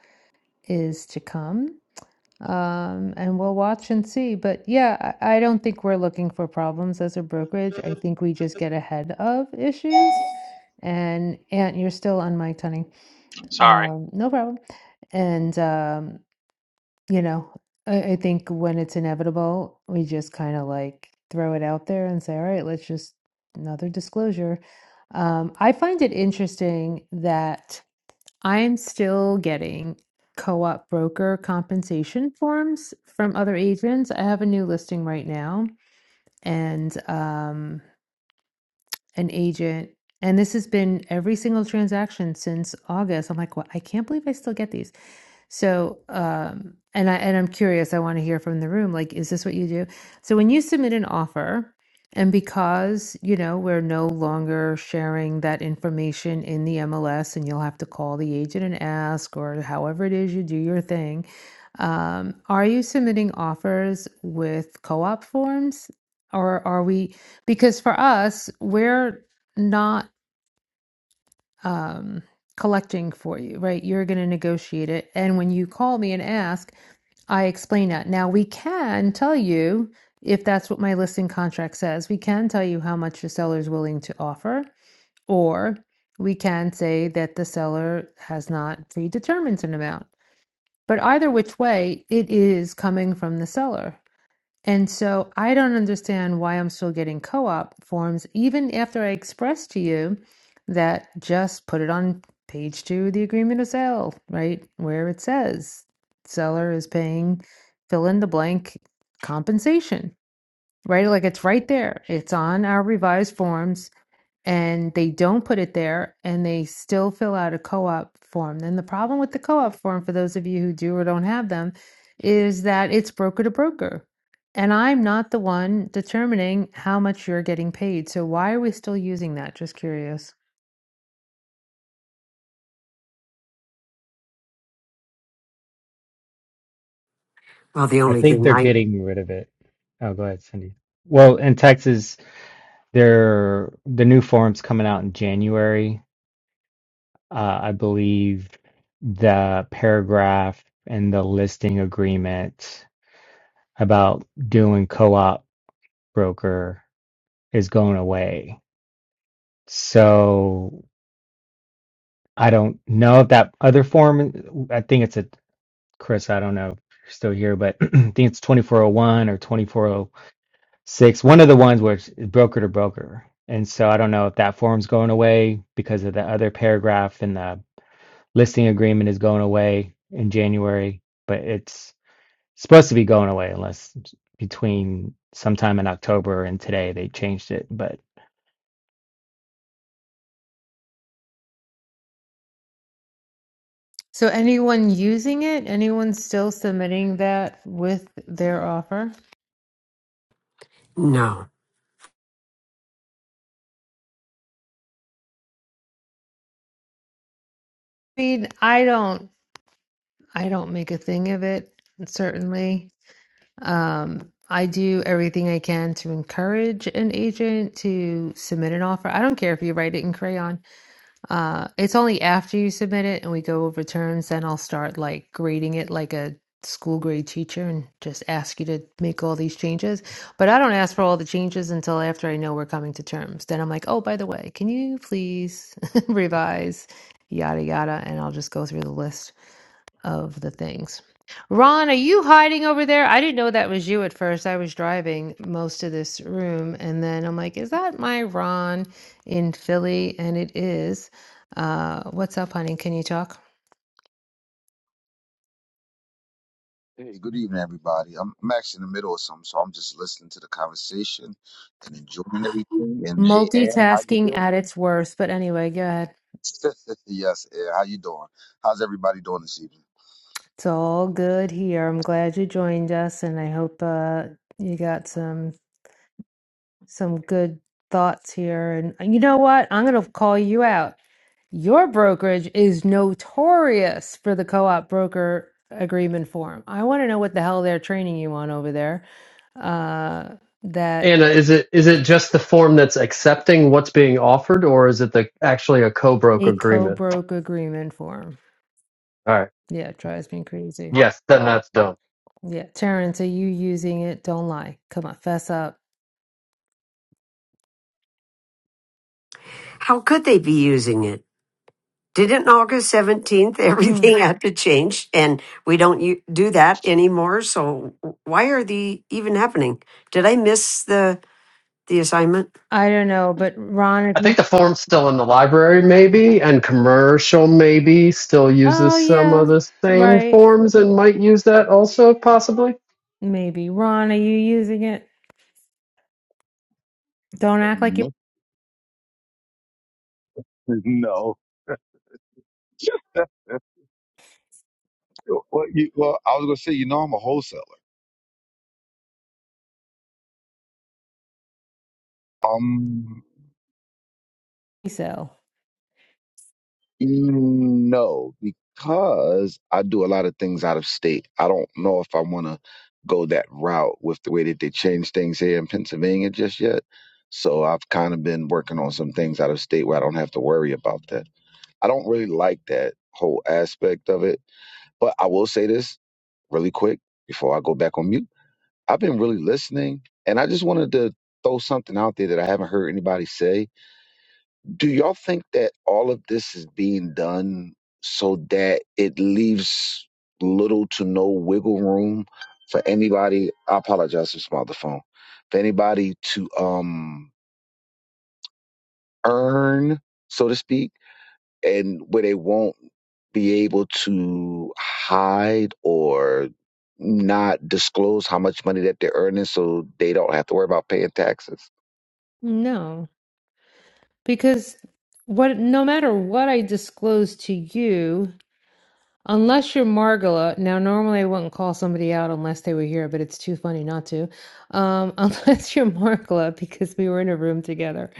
is to come. Um, and we'll watch and see. But yeah, I, I don't think we're looking for problems as a brokerage. I think we just get ahead of issues. And Aunt, you're still on mic, honey. Sorry, Um, no problem. And um, you know, I, I think when it's inevitable, we just kind of like throw it out there and say, all right, let's just another disclosure. Um, I find it interesting that I'm still getting co op broker compensation forms from other agents. I have a new listing right now, and um, an agent. And this has been every single transaction since August. I'm like, well, I can't believe I still get these. So, um, and I and I'm curious. I want to hear from the room. Like, is this what you do? So, when you submit an offer, and because you know we're no longer sharing that information in the MLS, and you'll have to call the agent and ask, or however it is you do your thing. Um, are you submitting offers with co-op forms, or are we? because for us we're not um collecting for you right you're going to negotiate it and when you call me and ask i explain that now we can tell you if that's what my listing contract says we can tell you how much the seller is willing to offer or we can say that the seller has not predetermined an amount but either which way it is coming from the seller and so I don't understand why I'm still getting co op forms, even after I expressed to you that just put it on page two of the agreement of sale, right? Where it says seller is paying fill in the blank compensation, right? Like it's right there. It's on our revised forms and they don't put it there and they still fill out a co-op form. Then the problem with the co-op form for those of you who do or don't have them is that it's broker to broker. And I'm not the one determining how much you're getting paid. So why are we still using that? Just curious. Well, the I only think thing they're I getting rid of it. Oh, go ahead, Cindy. Well, in Texas There the new form's coming out in January. Uh, I believe the paragraph in the listing agreement about doing co-op broker is going away. So I don't know if that other form, I think it's a, Chris, I don't know if you're still here, but [clears throat] I think it's 2401 or 2406, one of the ones where it's broker to broker. And so I don't know if that form's going away because of the other paragraph in the listing agreement is going away in January, but it's supposed to be going away unless between sometime in October and today they changed it. But So anyone using it? Anyone still submitting that with their offer? know, I mean, I don't I don't make a thing of it, certainly. Um, I do everything I can to encourage an agent to submit an offer. I don't care if you write it in crayon. Uh, it's only after you submit it and we go over terms, then I'll start like grading it like a school grade teacher and just ask you to make all these changes. But I don't ask for all the changes until after I know we're coming to terms. Then I'm like, oh, by the way, can you please [laughs] revise, yada, yada. And I'll just go through the list of the things. Ron, are you hiding over there? I didn't know that was you at first. I was driving most of this room, and then I'm like, is that my Ron in Philly? And it is. Uh, what's up, honey? Can you talk? Hey, good evening, everybody. I'm, I'm actually in the middle of something, so I'm just listening to the conversation and enjoying everything. And hey, Ann, how you Multitasking doing? at its worst. But anyway, go ahead. [laughs] yes, Ann, how you doing? How's everybody doing this evening? It's all good here. I'm glad you joined us, and I hope uh, you got some. some good thoughts here. And and you know what? I'm going to call you out. Your brokerage is notorious for the co op broker agreement form. I want to know what the hell they're training you on over there. Uh, that Anna, is it is it just the form that's accepting what's being offered, or is it the actually a co-broke a co agreement? broke agreement form. All right. Yeah, it drives me crazy. Yes, then that's done. Yeah, Terrence, are you using it? Don't lie. Come on, fess up. how could they be using it? Didn't August 17th [laughs] Mm. everything had to change and we don't u- do that anymore? So why are they even happening? Did I miss the? the assignment? I don't know, but Ron, if I think you, the form's still in the library, maybe, and commercial maybe still uses oh some yeah, of the same right, forms and might use that also, possibly. maybe. Ron, are you using it? Don't Uh, act like you. No, [laughs] no. [laughs] Well, you, well, I was gonna say, you know, I'm a wholesaler. Um, so. No, because I do a lot of things out of state. I don't know if I want to go that route with the way that they change things here in Pennsylvania just yet. So I've kind of been working on some things out of state where I don't have to worry about that. I don't really like that whole aspect of it. But I will say this really quick before I go back on mute. I've been really listening, and I just wanted to throw something out there that I haven't heard anybody say do y'all think that all of this is being done so that it leaves little to no wiggle room for anybody? I apologize for my the phone. For anybody to um earn, so to speak, and where they won't be able to hide or not disclose how much money that they're earning so they don't have to worry about paying taxes. No, because what no matter what I disclose to you, Unless you're Margola, now normally I wouldn't call somebody out unless they were here, but it's too funny not to. Um, [laughs] unless you're Margola, because we were in a room together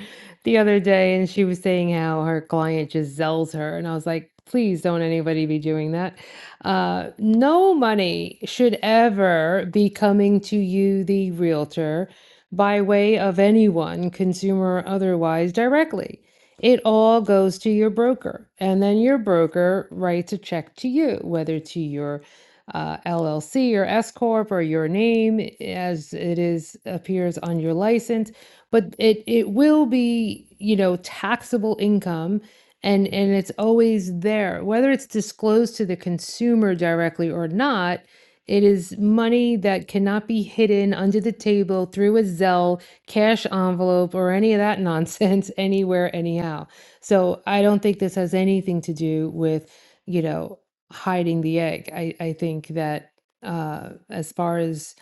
the other day and she was saying how her client just zells her. And I was like, please don't anybody be doing that. Uh, no money should ever be coming to you, the realtor, by way of anyone, consumer or otherwise, directly. It all goes to your broker, and then your broker writes a check to you, whether to your uh, LLC or S corp or your name as it is appears on your license. But it it will be you know taxable income, and and it's always there, whether it's disclosed to the consumer directly or not. It is money that cannot be hidden under the table through a Zelle cash envelope or any of that nonsense [laughs] anywhere anyhow so i don't think this has anything to do with you know hiding the egg i, I think that uh, as far as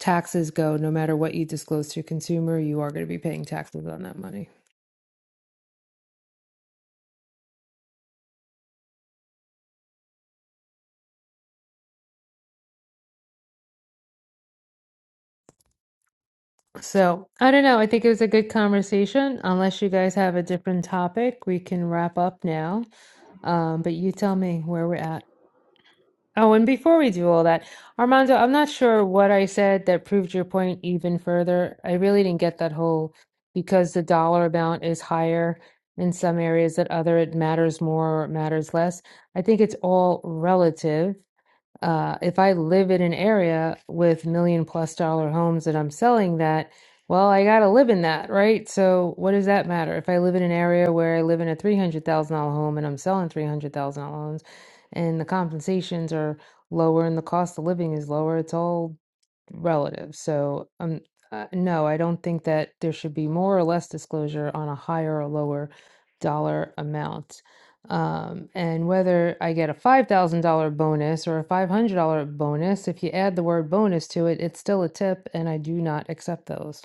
taxes go no matter what you disclose to a consumer you are going to be paying taxes on that money so i don't know i think it was a good conversation unless you guys have a different topic we can wrap up now um, but you tell me where we're at Oh, and before we do all that, Armando, I'm not sure what I said that proved your point even further. I really didn't get that whole because the dollar amount is higher in some areas that other it matters more or it matters less. I think it's all relative uh, if I live in an area with million plus dollar homes that I'm selling that, well, I gotta live in that, right? So what does that matter? If I live in an area where I live in a three hundred thousand dollar home and I'm selling three hundred thousand dollar homes, and the compensations are lower and the cost of living is lower, it's all relative. So, um, uh, no, I don't think that there should be more or less disclosure on a higher or lower dollar amount. Um, and whether I get a $5,000 bonus or a $500 bonus, if you add the word bonus to it, it's still a tip, and I do not accept those.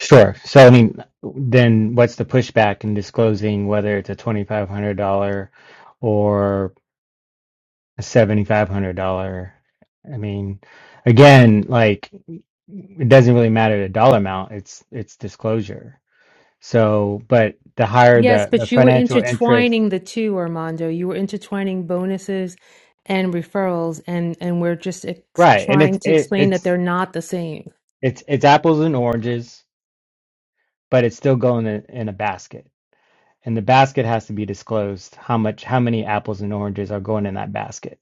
sure. So, I mean, then what's the pushback in disclosing whether it's a $2,500 or a $7,500? I mean, again, like it doesn't really matter the dollar amount, it's it's disclosure. So, but the higher Yes, the the but you were financial interest, intertwining the two, Armando. You were intertwining bonuses and referrals, and and we're just ex right? And it's trying to it, explain that it's they're not the same. It's it's apples and oranges, but it's still going in, in a basket. And the basket has to be disclosed how much how many apples and oranges are going in that basket.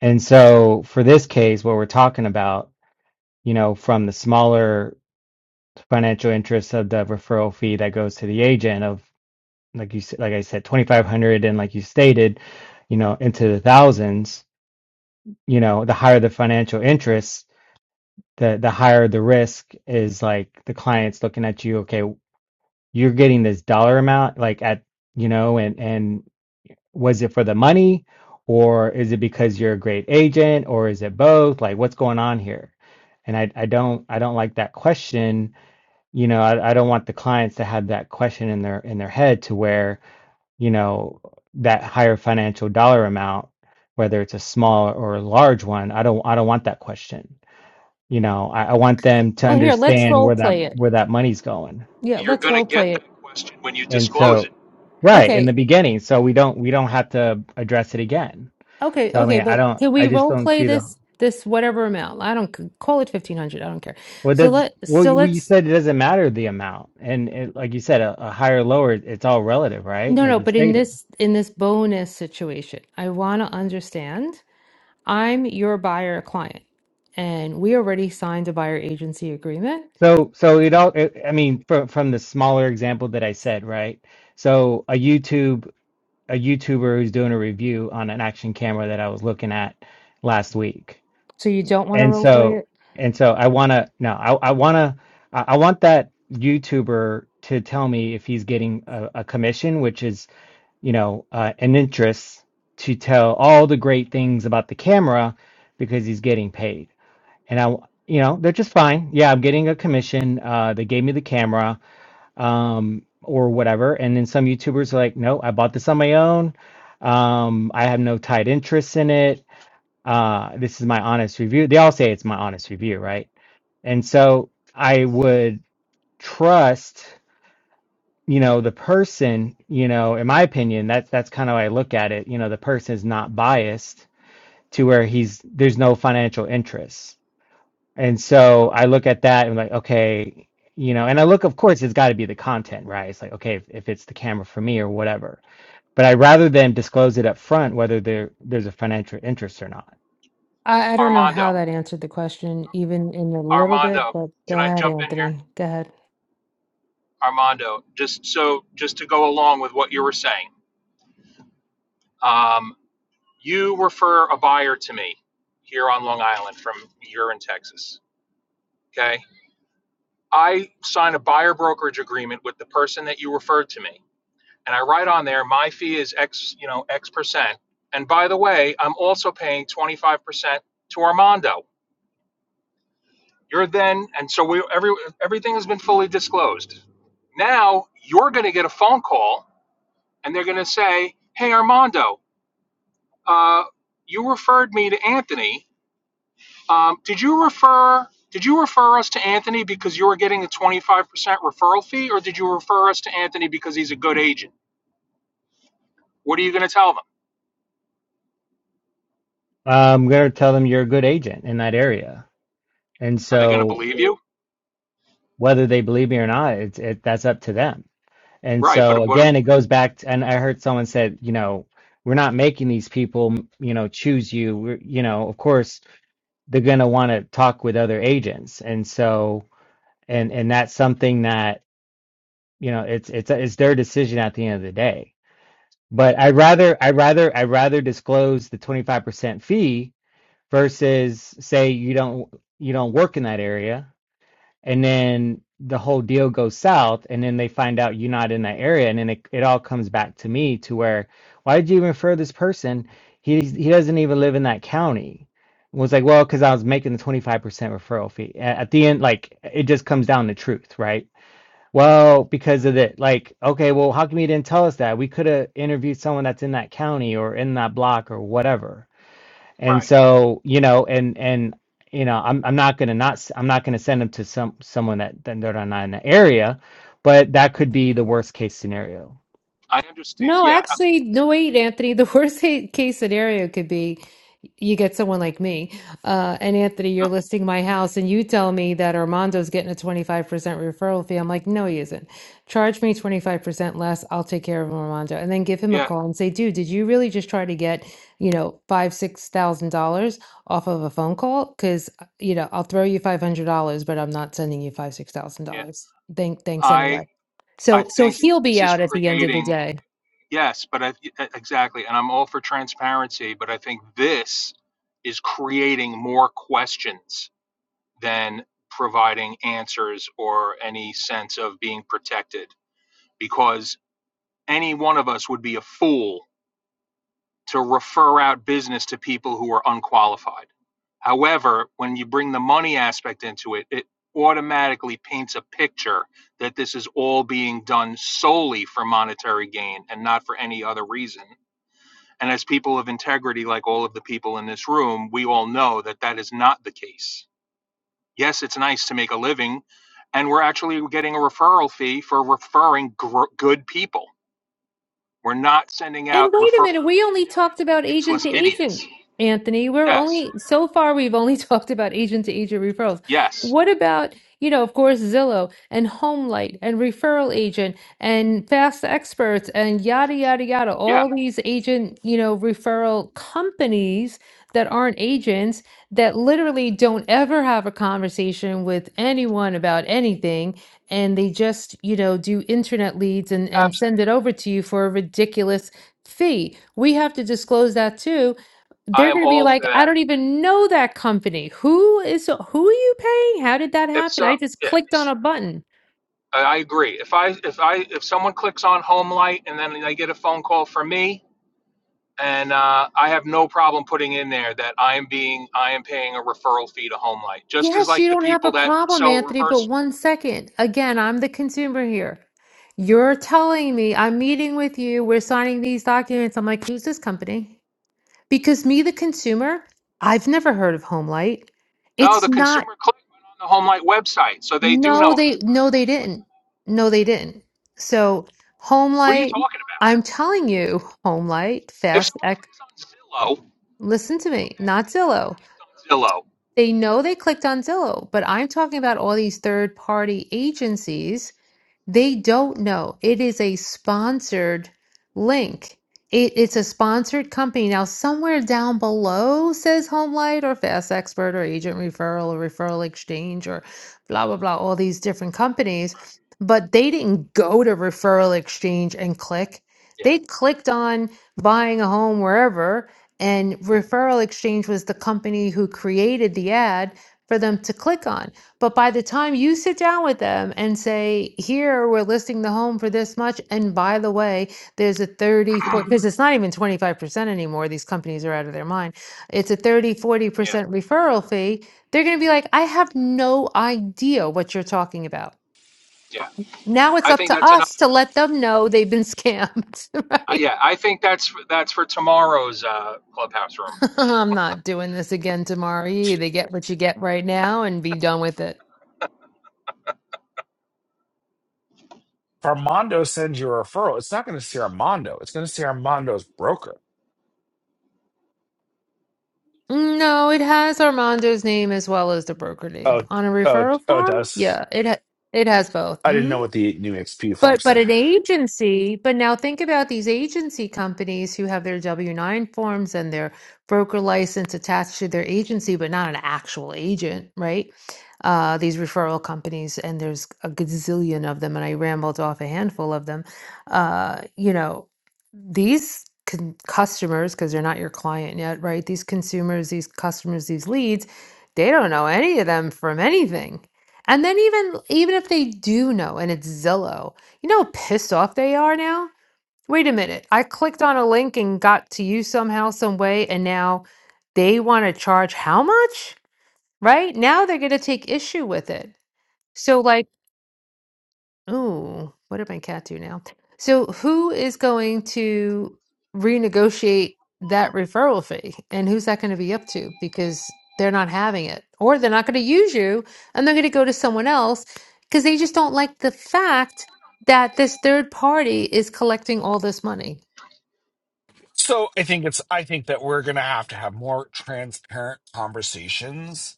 And so for this case, what we're talking about, you know, from the smaller financial interest of the referral fee that goes to the agent of like you s- like I said, twenty five hundred and like you stated, you know, into the thousands, you know, the higher the financial interest, the the higher the risk is like the client's looking at you, okay. you're getting this dollar amount like at you know and and was it for the money or is it because you're a great agent or is it both like what's going on here and i i don't i don't like that question you know i, I don't want the clients to have that question in their in their head to where you know that higher financial dollar amount whether it's a small or a large one i don't i don't want that question you know i, I want them to Well, here, let's understand role where that play it. where that money's going Yeah, you're let's gonna role get play it. that question when you and disclose so it. Right, in Okay, the beginning, so we don't we don't have to address it again. okay, So I okay, mean, I but don't can we I just role don't play see the this this whatever amount? I don't c- call it 1500, I don't care. well So that's let well so you well, you let's said it doesn't matter the amount. And it, like you said a, a higher lower it's all relative, right? no, Like no, you but in stated. this in this bonus situation, I want to understand I'm your buyer client and we already signed a buyer agency agreement. So so it all it, I mean from from the smaller example that I said, right? So a YouTube a YouTuber who's doing a review on an action camera that I was looking at last week. So you don't want to and role play so it? and so i want to no i, I want to I, I want that youtuber to tell me if he's getting a, a commission which is you know uh, an interest to tell all the great things about the camera because he's getting paid and i you know they're just fine yeah i'm getting a commission uh, they gave me the camera um, or whatever and then some youtubers are like no i bought this on my own um, i have no tied interests in it uh this is my honest review they all say it's my honest review right and so i would trust you know the person you know in my opinion that's that's kind of how i look at it you know the person is not biased to where he's there's no financial interest and so i look at that and like okay you know and i look of course it's got to be the content right it's like okay if, if it's the camera for me or whatever but I'd rather them disclose it up front whether there there's a financial interest or not. I, I don't know how Armando, that answered the question even in a little bit, Armando, but go can I ahead, jump in here? Anthony. Go ahead. Armando, just so just to go along with what you were saying, um, you refer a buyer to me here on Long Island from you're in Texas. Okay, I sign a buyer brokerage agreement with the person that you referred to me, and I write on there my fee is X, you know, X percent. And by the way, I'm also paying 25% to Armando. You're then, and so we every everything has been fully disclosed. Now you're going to get a phone call and they're going to say, "Hey, Armando, uh, you referred me to Anthony. Um, did you refer? Did you refer us to Anthony because you were getting a twenty five percent referral fee, or did you refer us to Anthony because he's a good agent? What are you going to tell them? I'm going to tell them you're a good agent in that area. And Are they going to so believe you? whether they believe me or not, it's it that's up to them. And Right, but so what? am- again, it goes back to, and I heard someone said, you know, we're not making these people, you know, choose you. We're, you know, of course, they're going to want to talk with other agents. And so, and, and that's something that, you know, it's, it's, it's their decision at the end of the day. But I'd rather, i rather, i rather disclose the 25% fee versus say you don't, you don't work in that area and then the whole deal goes south and then they find out you're not in that area and then it, it all comes back to me to where why did you even refer this person he he doesn't even live in that county It was like well because i was making the 25% referral fee A- at the end like it just comes down to truth right well because of it like okay well how come you didn't tell us that we could have interviewed someone that's in that county or in that block or whatever and Right, so, you know, and and you know, I'm I'm not gonna not i I'm not gonna send them to some someone that that they're not in the area, but that could be the worst case scenario. I understand. No, Yeah, actually, no, wait, Anthony. The [laughs] worst ca- case scenario could be you get someone like me. Uh, and Anthony, you're no, listing my house, and you tell me that Armando's getting a 25% referral fee. I'm like, no, he isn't. Charge me 25% less. I'll take care of Armando. And then give him a yeah, call and say, dude, did you really just try to get, you know, five, six thousand dollars off of a phone call? Because, you know, I'll throw you $500, but I'm not sending you five, six thousand yeah. dollars. Thank, thanks anyway. I I So, so think he'll this be is out at the end of the creating day. yes, but I, e- exactly, and I'm all for transparency, but I think this is creating more questions than providing answers or any sense of being protected because any one of us would be a fool to refer out business to people who are unqualified. However, when you bring the money aspect into it, it automatically paints a picture that this is all being done solely for monetary gain and not for any other reason. And as people of integrity, like all of the people in this room, we all know that that is not the case Yes, it's nice to make a living, and we're actually getting a referral fee for referring gr- good people. We're not sending And out wait a referrals minute, we willy only nilly talked to about agent useless to idiots. agent, Anthony. We're Yes, only so far we've only [laughs] talked about agent to agent referrals. yes, What about, you know, of course, Zillow and Homelight and Referral Agent and Fast Experts and yada yada yada, yeah, all these agent, you know, referral companies that aren't agents that literally don't ever have a conversation with anyone about anything and they just, you know, do internet leads and and absolutely. send it over to you for a ridiculous fee. We have to disclose that too. I They're am going to be all for like, I that. don't even know that company. Who is who are you paying? How did that If happen? I so, just clicked on yes, a button. I I agree. If I if I if someone clicks on home light and then they get a phone call from me. And uh, I have no problem putting in there that I am being I am paying a referral fee to Home Light, just as Yes, you like the don't have people a that problem, sell Anthony, reverse but one second. Again, I'm the consumer here. You're telling me I'm meeting with you, we're signing these documents. I'm like, who's this company? Because me, the consumer, I've never heard of Homelight. No, It's the not consumer click went on the HomeLight website, so they do know. No, about they it. no, they didn't. No, they didn't. So home What are you light, talking about? I'm telling you, home light, If fast someone ec clicks on Zillow, listen to me, okay, not they know Zillow. they clicked on Zillow. They know they clicked on Zillow, but I'm talking about all these third party agencies they don't know. It is a sponsored link. It, it's a sponsored company. Now, somewhere down below says HomeLight or Fast Expert or Agent Referral or Referral Exchange or blah, blah, blah, all these different companies. But they didn't go to Referral Exchange and click. Yeah, They clicked on buying a home wherever, and Referral Exchange was the company who created the ad for them to click on. But by the time you sit down with them and say, here, we're listing the home for this much. And by the way, there's a 30, forty, because it's not even 25% anymore. These companies are out of their mind. It's a thirty forty yeah, percent referral fee. They're going to be like, I have no idea what you're talking about. yeah. Now it's I up think to that's another. us to let them know they've been scammed, [laughs] uh, right? Yeah, I think that's for, that's for tomorrow's uh, clubhouse room. [laughs] I'm not doing this again tomorrow. You either get what you get right now and be done with it. If Armando sends you a referral, it's not going to see Armando. It's going to see Armando's broker. No, it has Armando's name as well as the broker name Oh, on a oh, referral oh, it form. does. Yeah, it ha it has both. I didn't hmm know what the new XP form but but said. an agency, but now think about these agency companies who have their W-9 forms and their broker license attached to their agency, but not an actual agent, right? Uh, these referral companies, and there's a gazillion of them, and I rambled off a handful of them. Uh, you know, these con- customers, because they're not your client yet, right? These consumers, these customers, these leads, they don't know any of them from anything. And then even even if they do know, and it's Zillow you know how pissed off they are now? Wait a minute. I clicked on a link and got to you somehow, some way, and now they want to charge how much? Right? Now they're going to take issue with it. So, like, Oh, what did my cat do now? So who is going to renegotiate that referral fee? And who's that going to be up to? Because they're not having it, or they're not going to use you, and they're going to go to someone else because they just don't like the fact that this third party is collecting all this money. So I think it's I think that we're gonna have to have more transparent conversations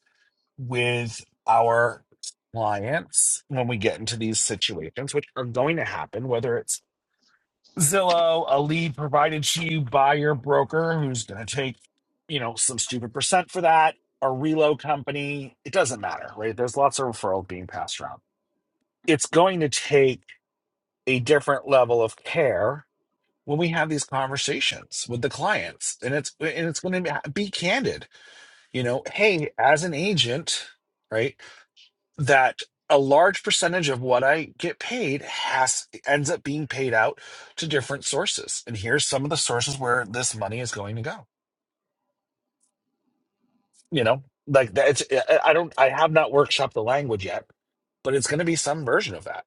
with our clients when we get into these situations, which are going to happen, whether it's Zillow, a lead provided to you by your broker who's gonna take, you know, some stupid percent for that, a reload company, it doesn't matter, right? There's lots of referrals being passed around. It's going to take a different level of care when we have these conversations with the clients and it's and it's going to be candid you know hey as an agent right that a large percentage of what i get paid has ends up being paid out to different sources and here's some of the sources where this money is going to go you know like that it's i I don't i have not workshopped the language yet but it's going to be some version of that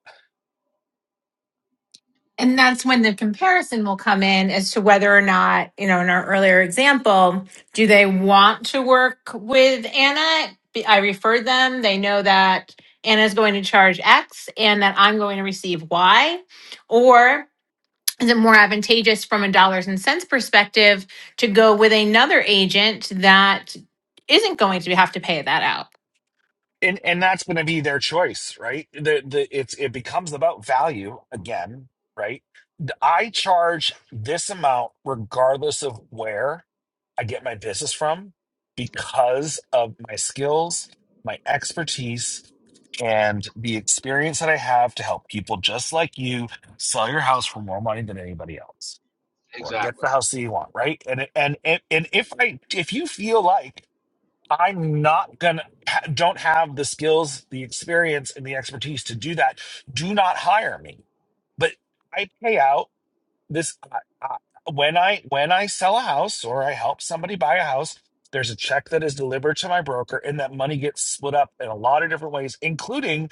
And that's when the comparison will come in as to whether or not, you know, in our earlier example, do they want to work with Anna? Be- I referred them. They know that Anna's going to charge X and that I'm going to receive Y. Or is it more advantageous from a dollars and cents perspective to go with another agent that isn't going to have to pay that out? and and that's going to be their choice right the the it's it becomes about value again right The- i charge this amount regardless of where i get my business from because of my skills my expertise and the experience that i have to help people just like you sell your house for more money than anybody else or get Exactly. the house that you want right and and and, and if i if you feel like I'm not gonna ha- don't have the skills, the experience, and the expertise to do that. Do not hire me. But I pay out this I, I, when I when I sell a house or I help somebody buy a house. There's a check that is delivered to my broker, and that money gets split up in a lot of different ways, including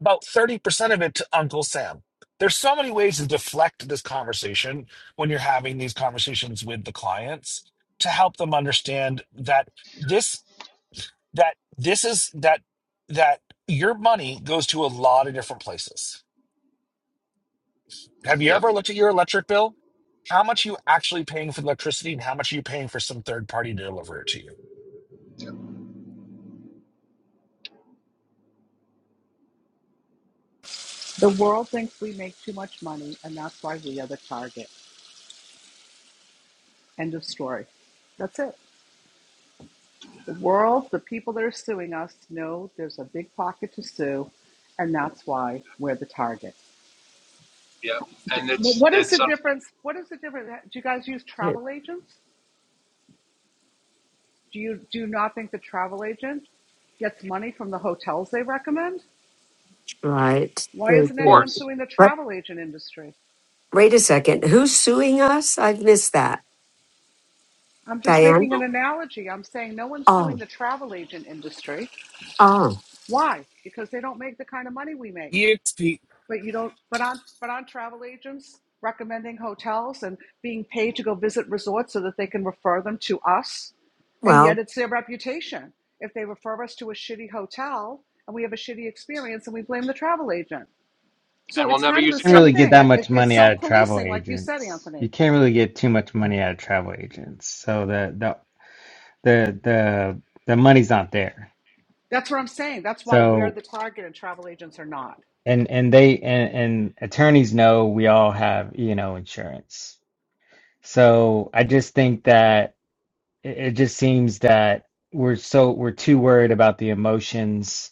about thirty percent of it to Uncle Sam. There's so many ways to deflect this conversation when you're having these conversations with the clients to help them understand that this that this is that that your money goes to a lot of different places. Have you Yep, ever looked at your electric bill? How much you actually paying for electricity and how much are you paying for some third party to deliver it to you? The world thinks we make too much money, and that's why we are the target. End of story. That's it. The world, the people that are suing us know there's a big pocket to sue, and that's why we're the target. yep. J- And it's What is the it's of difference? What is the difference? Do you guys use travel agents? Do you do you not think the travel agent gets money from the hotels they recommend? Right. Why Thank isn't you. anyone course, suing the But travel agent industry? wait a second. Who's suing us? I've missed that. I'm just Diane? making an We're- analogy. I'm saying no one's suing Oh, the travel agent industry. oh. Why? Because they don't make the kind of money we make. You, But you don't. But on but on travel agents recommending hotels and being paid to go visit resorts so that they can refer them to us, and yet Well, it's their reputation. If they refer us to a shitty hotel and we have a shitty experience, and we blame the travel agent. So and we'll it's never kind of use the the Can't travel same really get thing. that It, agent. it, much it's money out self of travel policing, like you said, agents. Anthony. You can't really get too much money out of travel agents. So the the the the the money's not there. That's what I'm saying. That's why we're So the target and travel agents are not. and and they and, and attorneys know we all have you know insurance. So I just think that. it, it just seems that we're so we're too worried about the emotions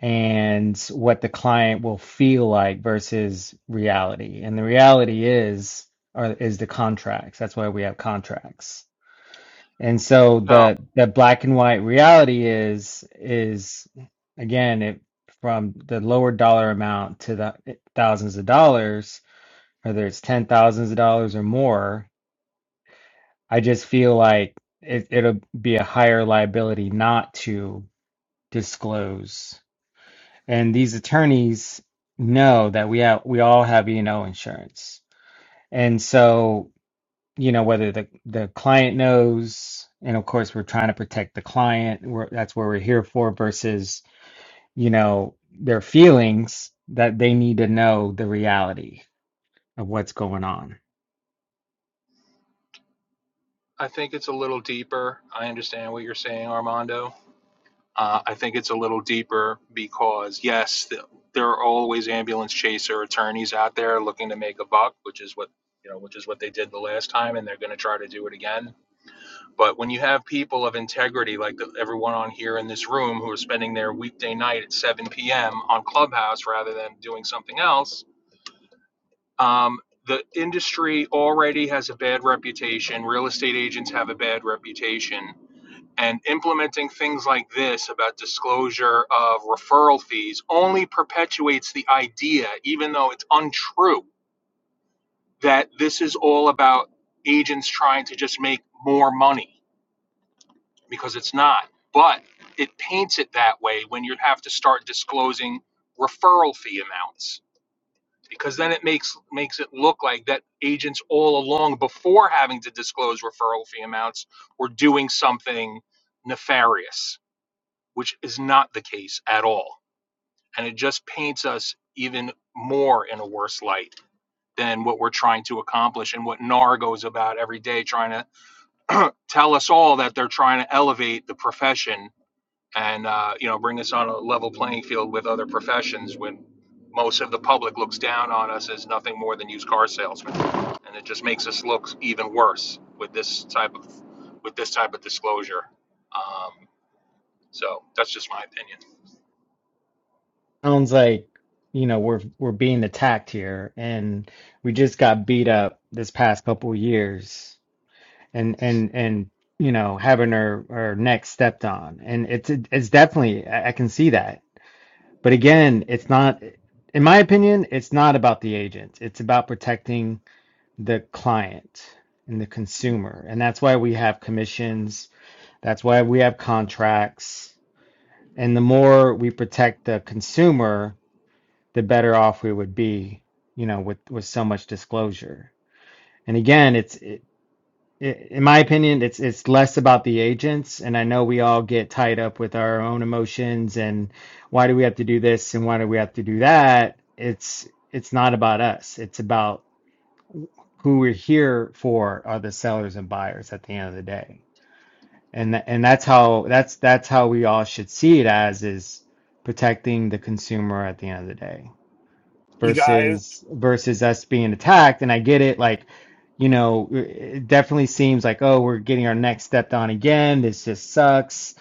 and what the client will feel like versus reality. And the reality is are is the contracts. That's why we have contracts. And so No, the the black and white reality is is again it from the lower dollar amount to the thousands of dollars, whether it's ten thousands of dollars or more, I just feel like it, it'll be a higher liability not to disclose. And these attorneys know that we have we all have E&O insurance. And so, you know, whether the the client knows, and of course we're trying to protect the client, we're, that's what we're here for versus, you know, their feelings that they need to know the reality of what's going on. I think it's a little deeper. I understand what you're saying, Armando Uh, I think it's a little deeper because, yes, th- there are always ambulance chaser attorneys out there looking to make a buck, which is what you know, which is what they did the last time, and they're going to try to do it again. But when you have people of integrity like the, everyone on here in this room who are spending their weekday night at 7 p.m. on Clubhouse rather than doing something else, um, the industry already has a bad reputation. Real estate agents have a bad reputation and implementing things like this about disclosure of referral fees only perpetuates the idea, even though it's untrue, that this is all about agents trying to just make more money because it's not. But it paints it that way when you have to start disclosing referral fee amounts because then it makes makes it look like that agents all along before having to disclose referral fee amounts were doing something nefarious which is not the case at all. And it just paints us even more in a worse light than what we're trying to accomplish and what NAR goes about every day, trying to [clears throat] tell us all that they're trying to elevate the profession and uh, you know bring us on a level playing field with other professions when most of the public looks down on us as nothing more than used car salesmen, and it just makes us look even worse with this type of with this type of disclosure. Um, so that's just my opinion. sounds like you know we're we're being attacked here and we just got beat up this past couple of years and and and you know having our our neck stepped on and it's it's definitely I I can see that but again it's not in my opinion it's not about the agent it's about protecting the client and the consumer and that's why we have commissions that's why we have contracts and the more we protect the consumer the better off we would be, you know, with with so much disclosure. And again, it's it, it, in my opinion, it's it's less about the agents. And I know we all get tied up with our own emotions and why do we have to do this and why do we have to do that? It's it's not about us. It's about who we're here for are the sellers and buyers at the end of the day. And tha- and that's how that's that's how we all should see it as is protecting the consumer at the end of the day you guys, versus versus us being attacked. And I get it, like, you know, it definitely seems like, oh, we're getting our neck stepped on again. This just sucks,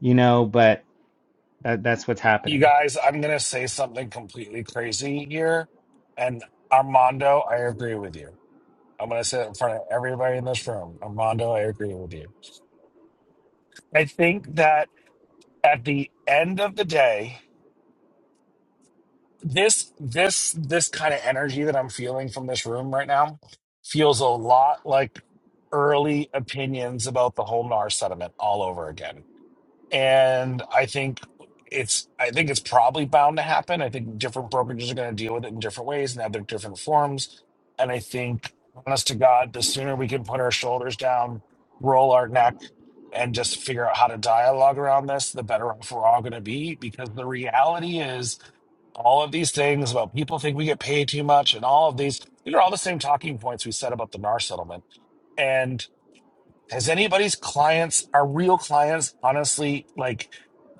you know, but that, that's what's you happening. guys, I'm gonna say something completely crazy here. And Armando, I agree with you. I'm gonna say it in front of everybody in this room. Armando, I agree with you. I think that at the end of the day, this this this kind of energy that I'm feeling from this room right now feels a lot like early opinions about the whole NAR settlement all over again. And I think it's I think it's probably bound to happen. I think different brokerages are going to deal with it in different ways and have their different forms. And I think honest to God, the sooner we can put our shoulders down, roll our neck, and just figure out how to dialogue around this, the better off we're all going to be. Because the reality is all of these things about people think we get paid too much and all of these these are all the same talking points we said about the NAR settlement. And has anybody's clients, our real clients, honestly, like,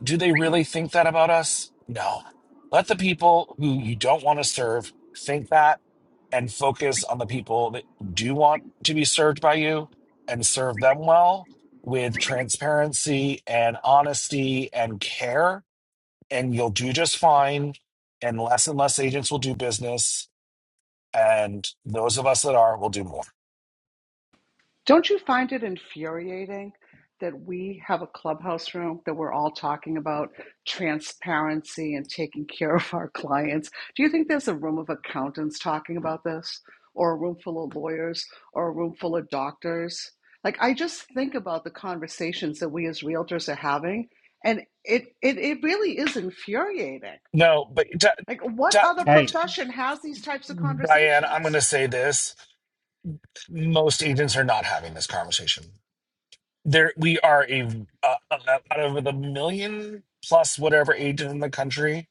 do they really think that about us? No. Let the people who you don't want to serve think that and focus on the people that do want to be served by you and serve them well with transparency and honesty and care and you'll do just fine. And less and less agents will do business, and those of us that are will do more. Don't you find it infuriating that we have a clubhouse room that we're all talking about transparency and taking care of our clients? Do you think there's a room of accountants talking about this, or a room full of lawyers, or a room full of doctors? Like, I just think about the conversations that we as realtors are having, and it, it, it really is infuriating. No, but Di- Like, what other Di- Hey. profession has these types of Diane, I'm going conversations? to say this: most agents are not having this conversation. There, we are a uh, uh, out of the million plus whatever agent in the country.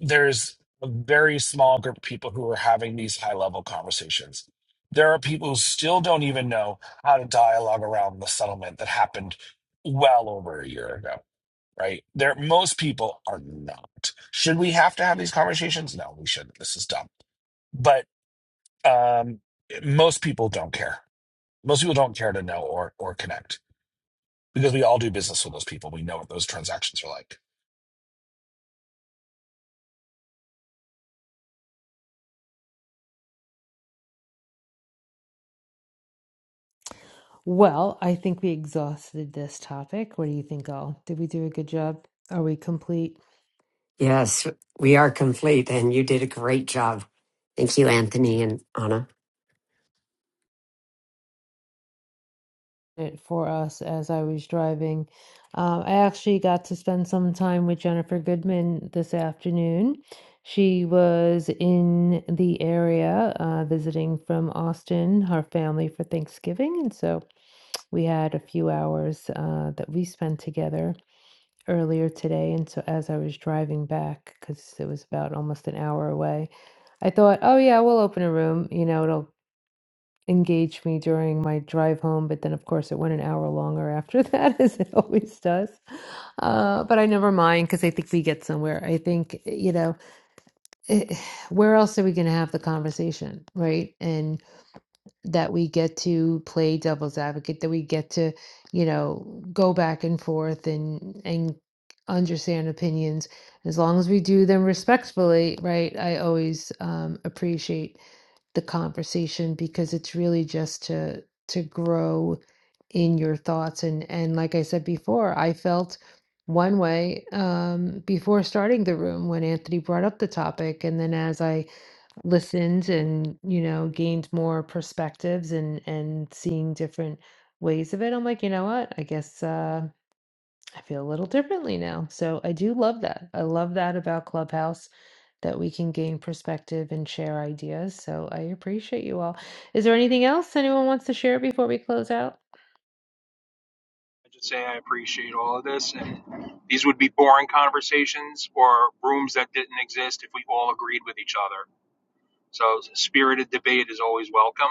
there's a very small group of people who are having these high level conversations. There are people who still don't even know how to dialogue around the settlement that happened well over a year ago, right? There, most people are not. Should we have to have these conversations? No, we shouldn't. This is dumb. But um, most people don't care. Most people don't care to know or or connect because we all do business with those people. We know what those transactions are like. Well, I think we exhausted this topic. What do you think, all? Did we do a good job? Are we complete? yes, we are complete, and you did a great job. Thank you, Anthony and Anna. it for us as I was driving. Um, I actually got to spend some time with Jennifer Goodman this afternoon. She was in the area uh, visiting from Austin, her family for Thanksgiving. And so we had a few hours uh, that we spent together earlier today. And so as I was driving back, because it was about almost an hour away, I thought, oh, yeah, we'll open a room. You know, it'll Engage me during my drive home, but then of course it went an hour longer after [laughs] that, as it always does. Uh, but I never mind because I think we get somewhere. I think, you know, eh, where else are we going to have the conversation, right? And that we get to play devil's advocate, that we get to, you know, go back and forth and, and, understand opinions as long as we do them respectfully right i always um, appreciate the conversation because it's really just to to grow in your thoughts and and like I said before, I felt one way um, before starting the room when Anthony brought up the topic, and then as I listened and you know gained more perspectives and and seeing different ways of it, I'm like, you know what, I guess. Uh, I feel a little differently now. So I do love that. I love that about Clubhouse that we can gain perspective and share ideas. So I appreciate you all. Is there anything else anyone wants to share before we close out? I just say I appreciate all of this, and these would be boring conversations or rooms that didn't exist if we all agreed with each other. So spirited debate is always welcome.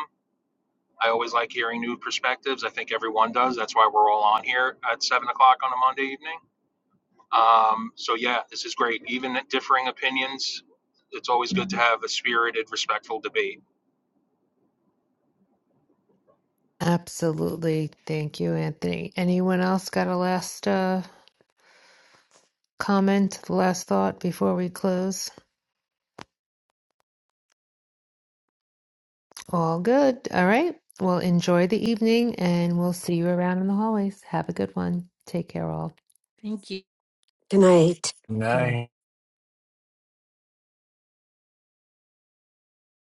I always like hearing new perspectives. I think everyone does. That's why we're all on here at seven o'clock on a Monday evening. Um, so yeah, this is great. Even differing opinions, it's always good to have a spirited, respectful debate. Absolutely. Thank you, Anthony. Anyone else got a last uh, comment, last thought before we close? All good. All right. Well, enjoy the evening and we'll see you around in the hallways. Have a good one. Take care, all. Thank you. Good night. Good night.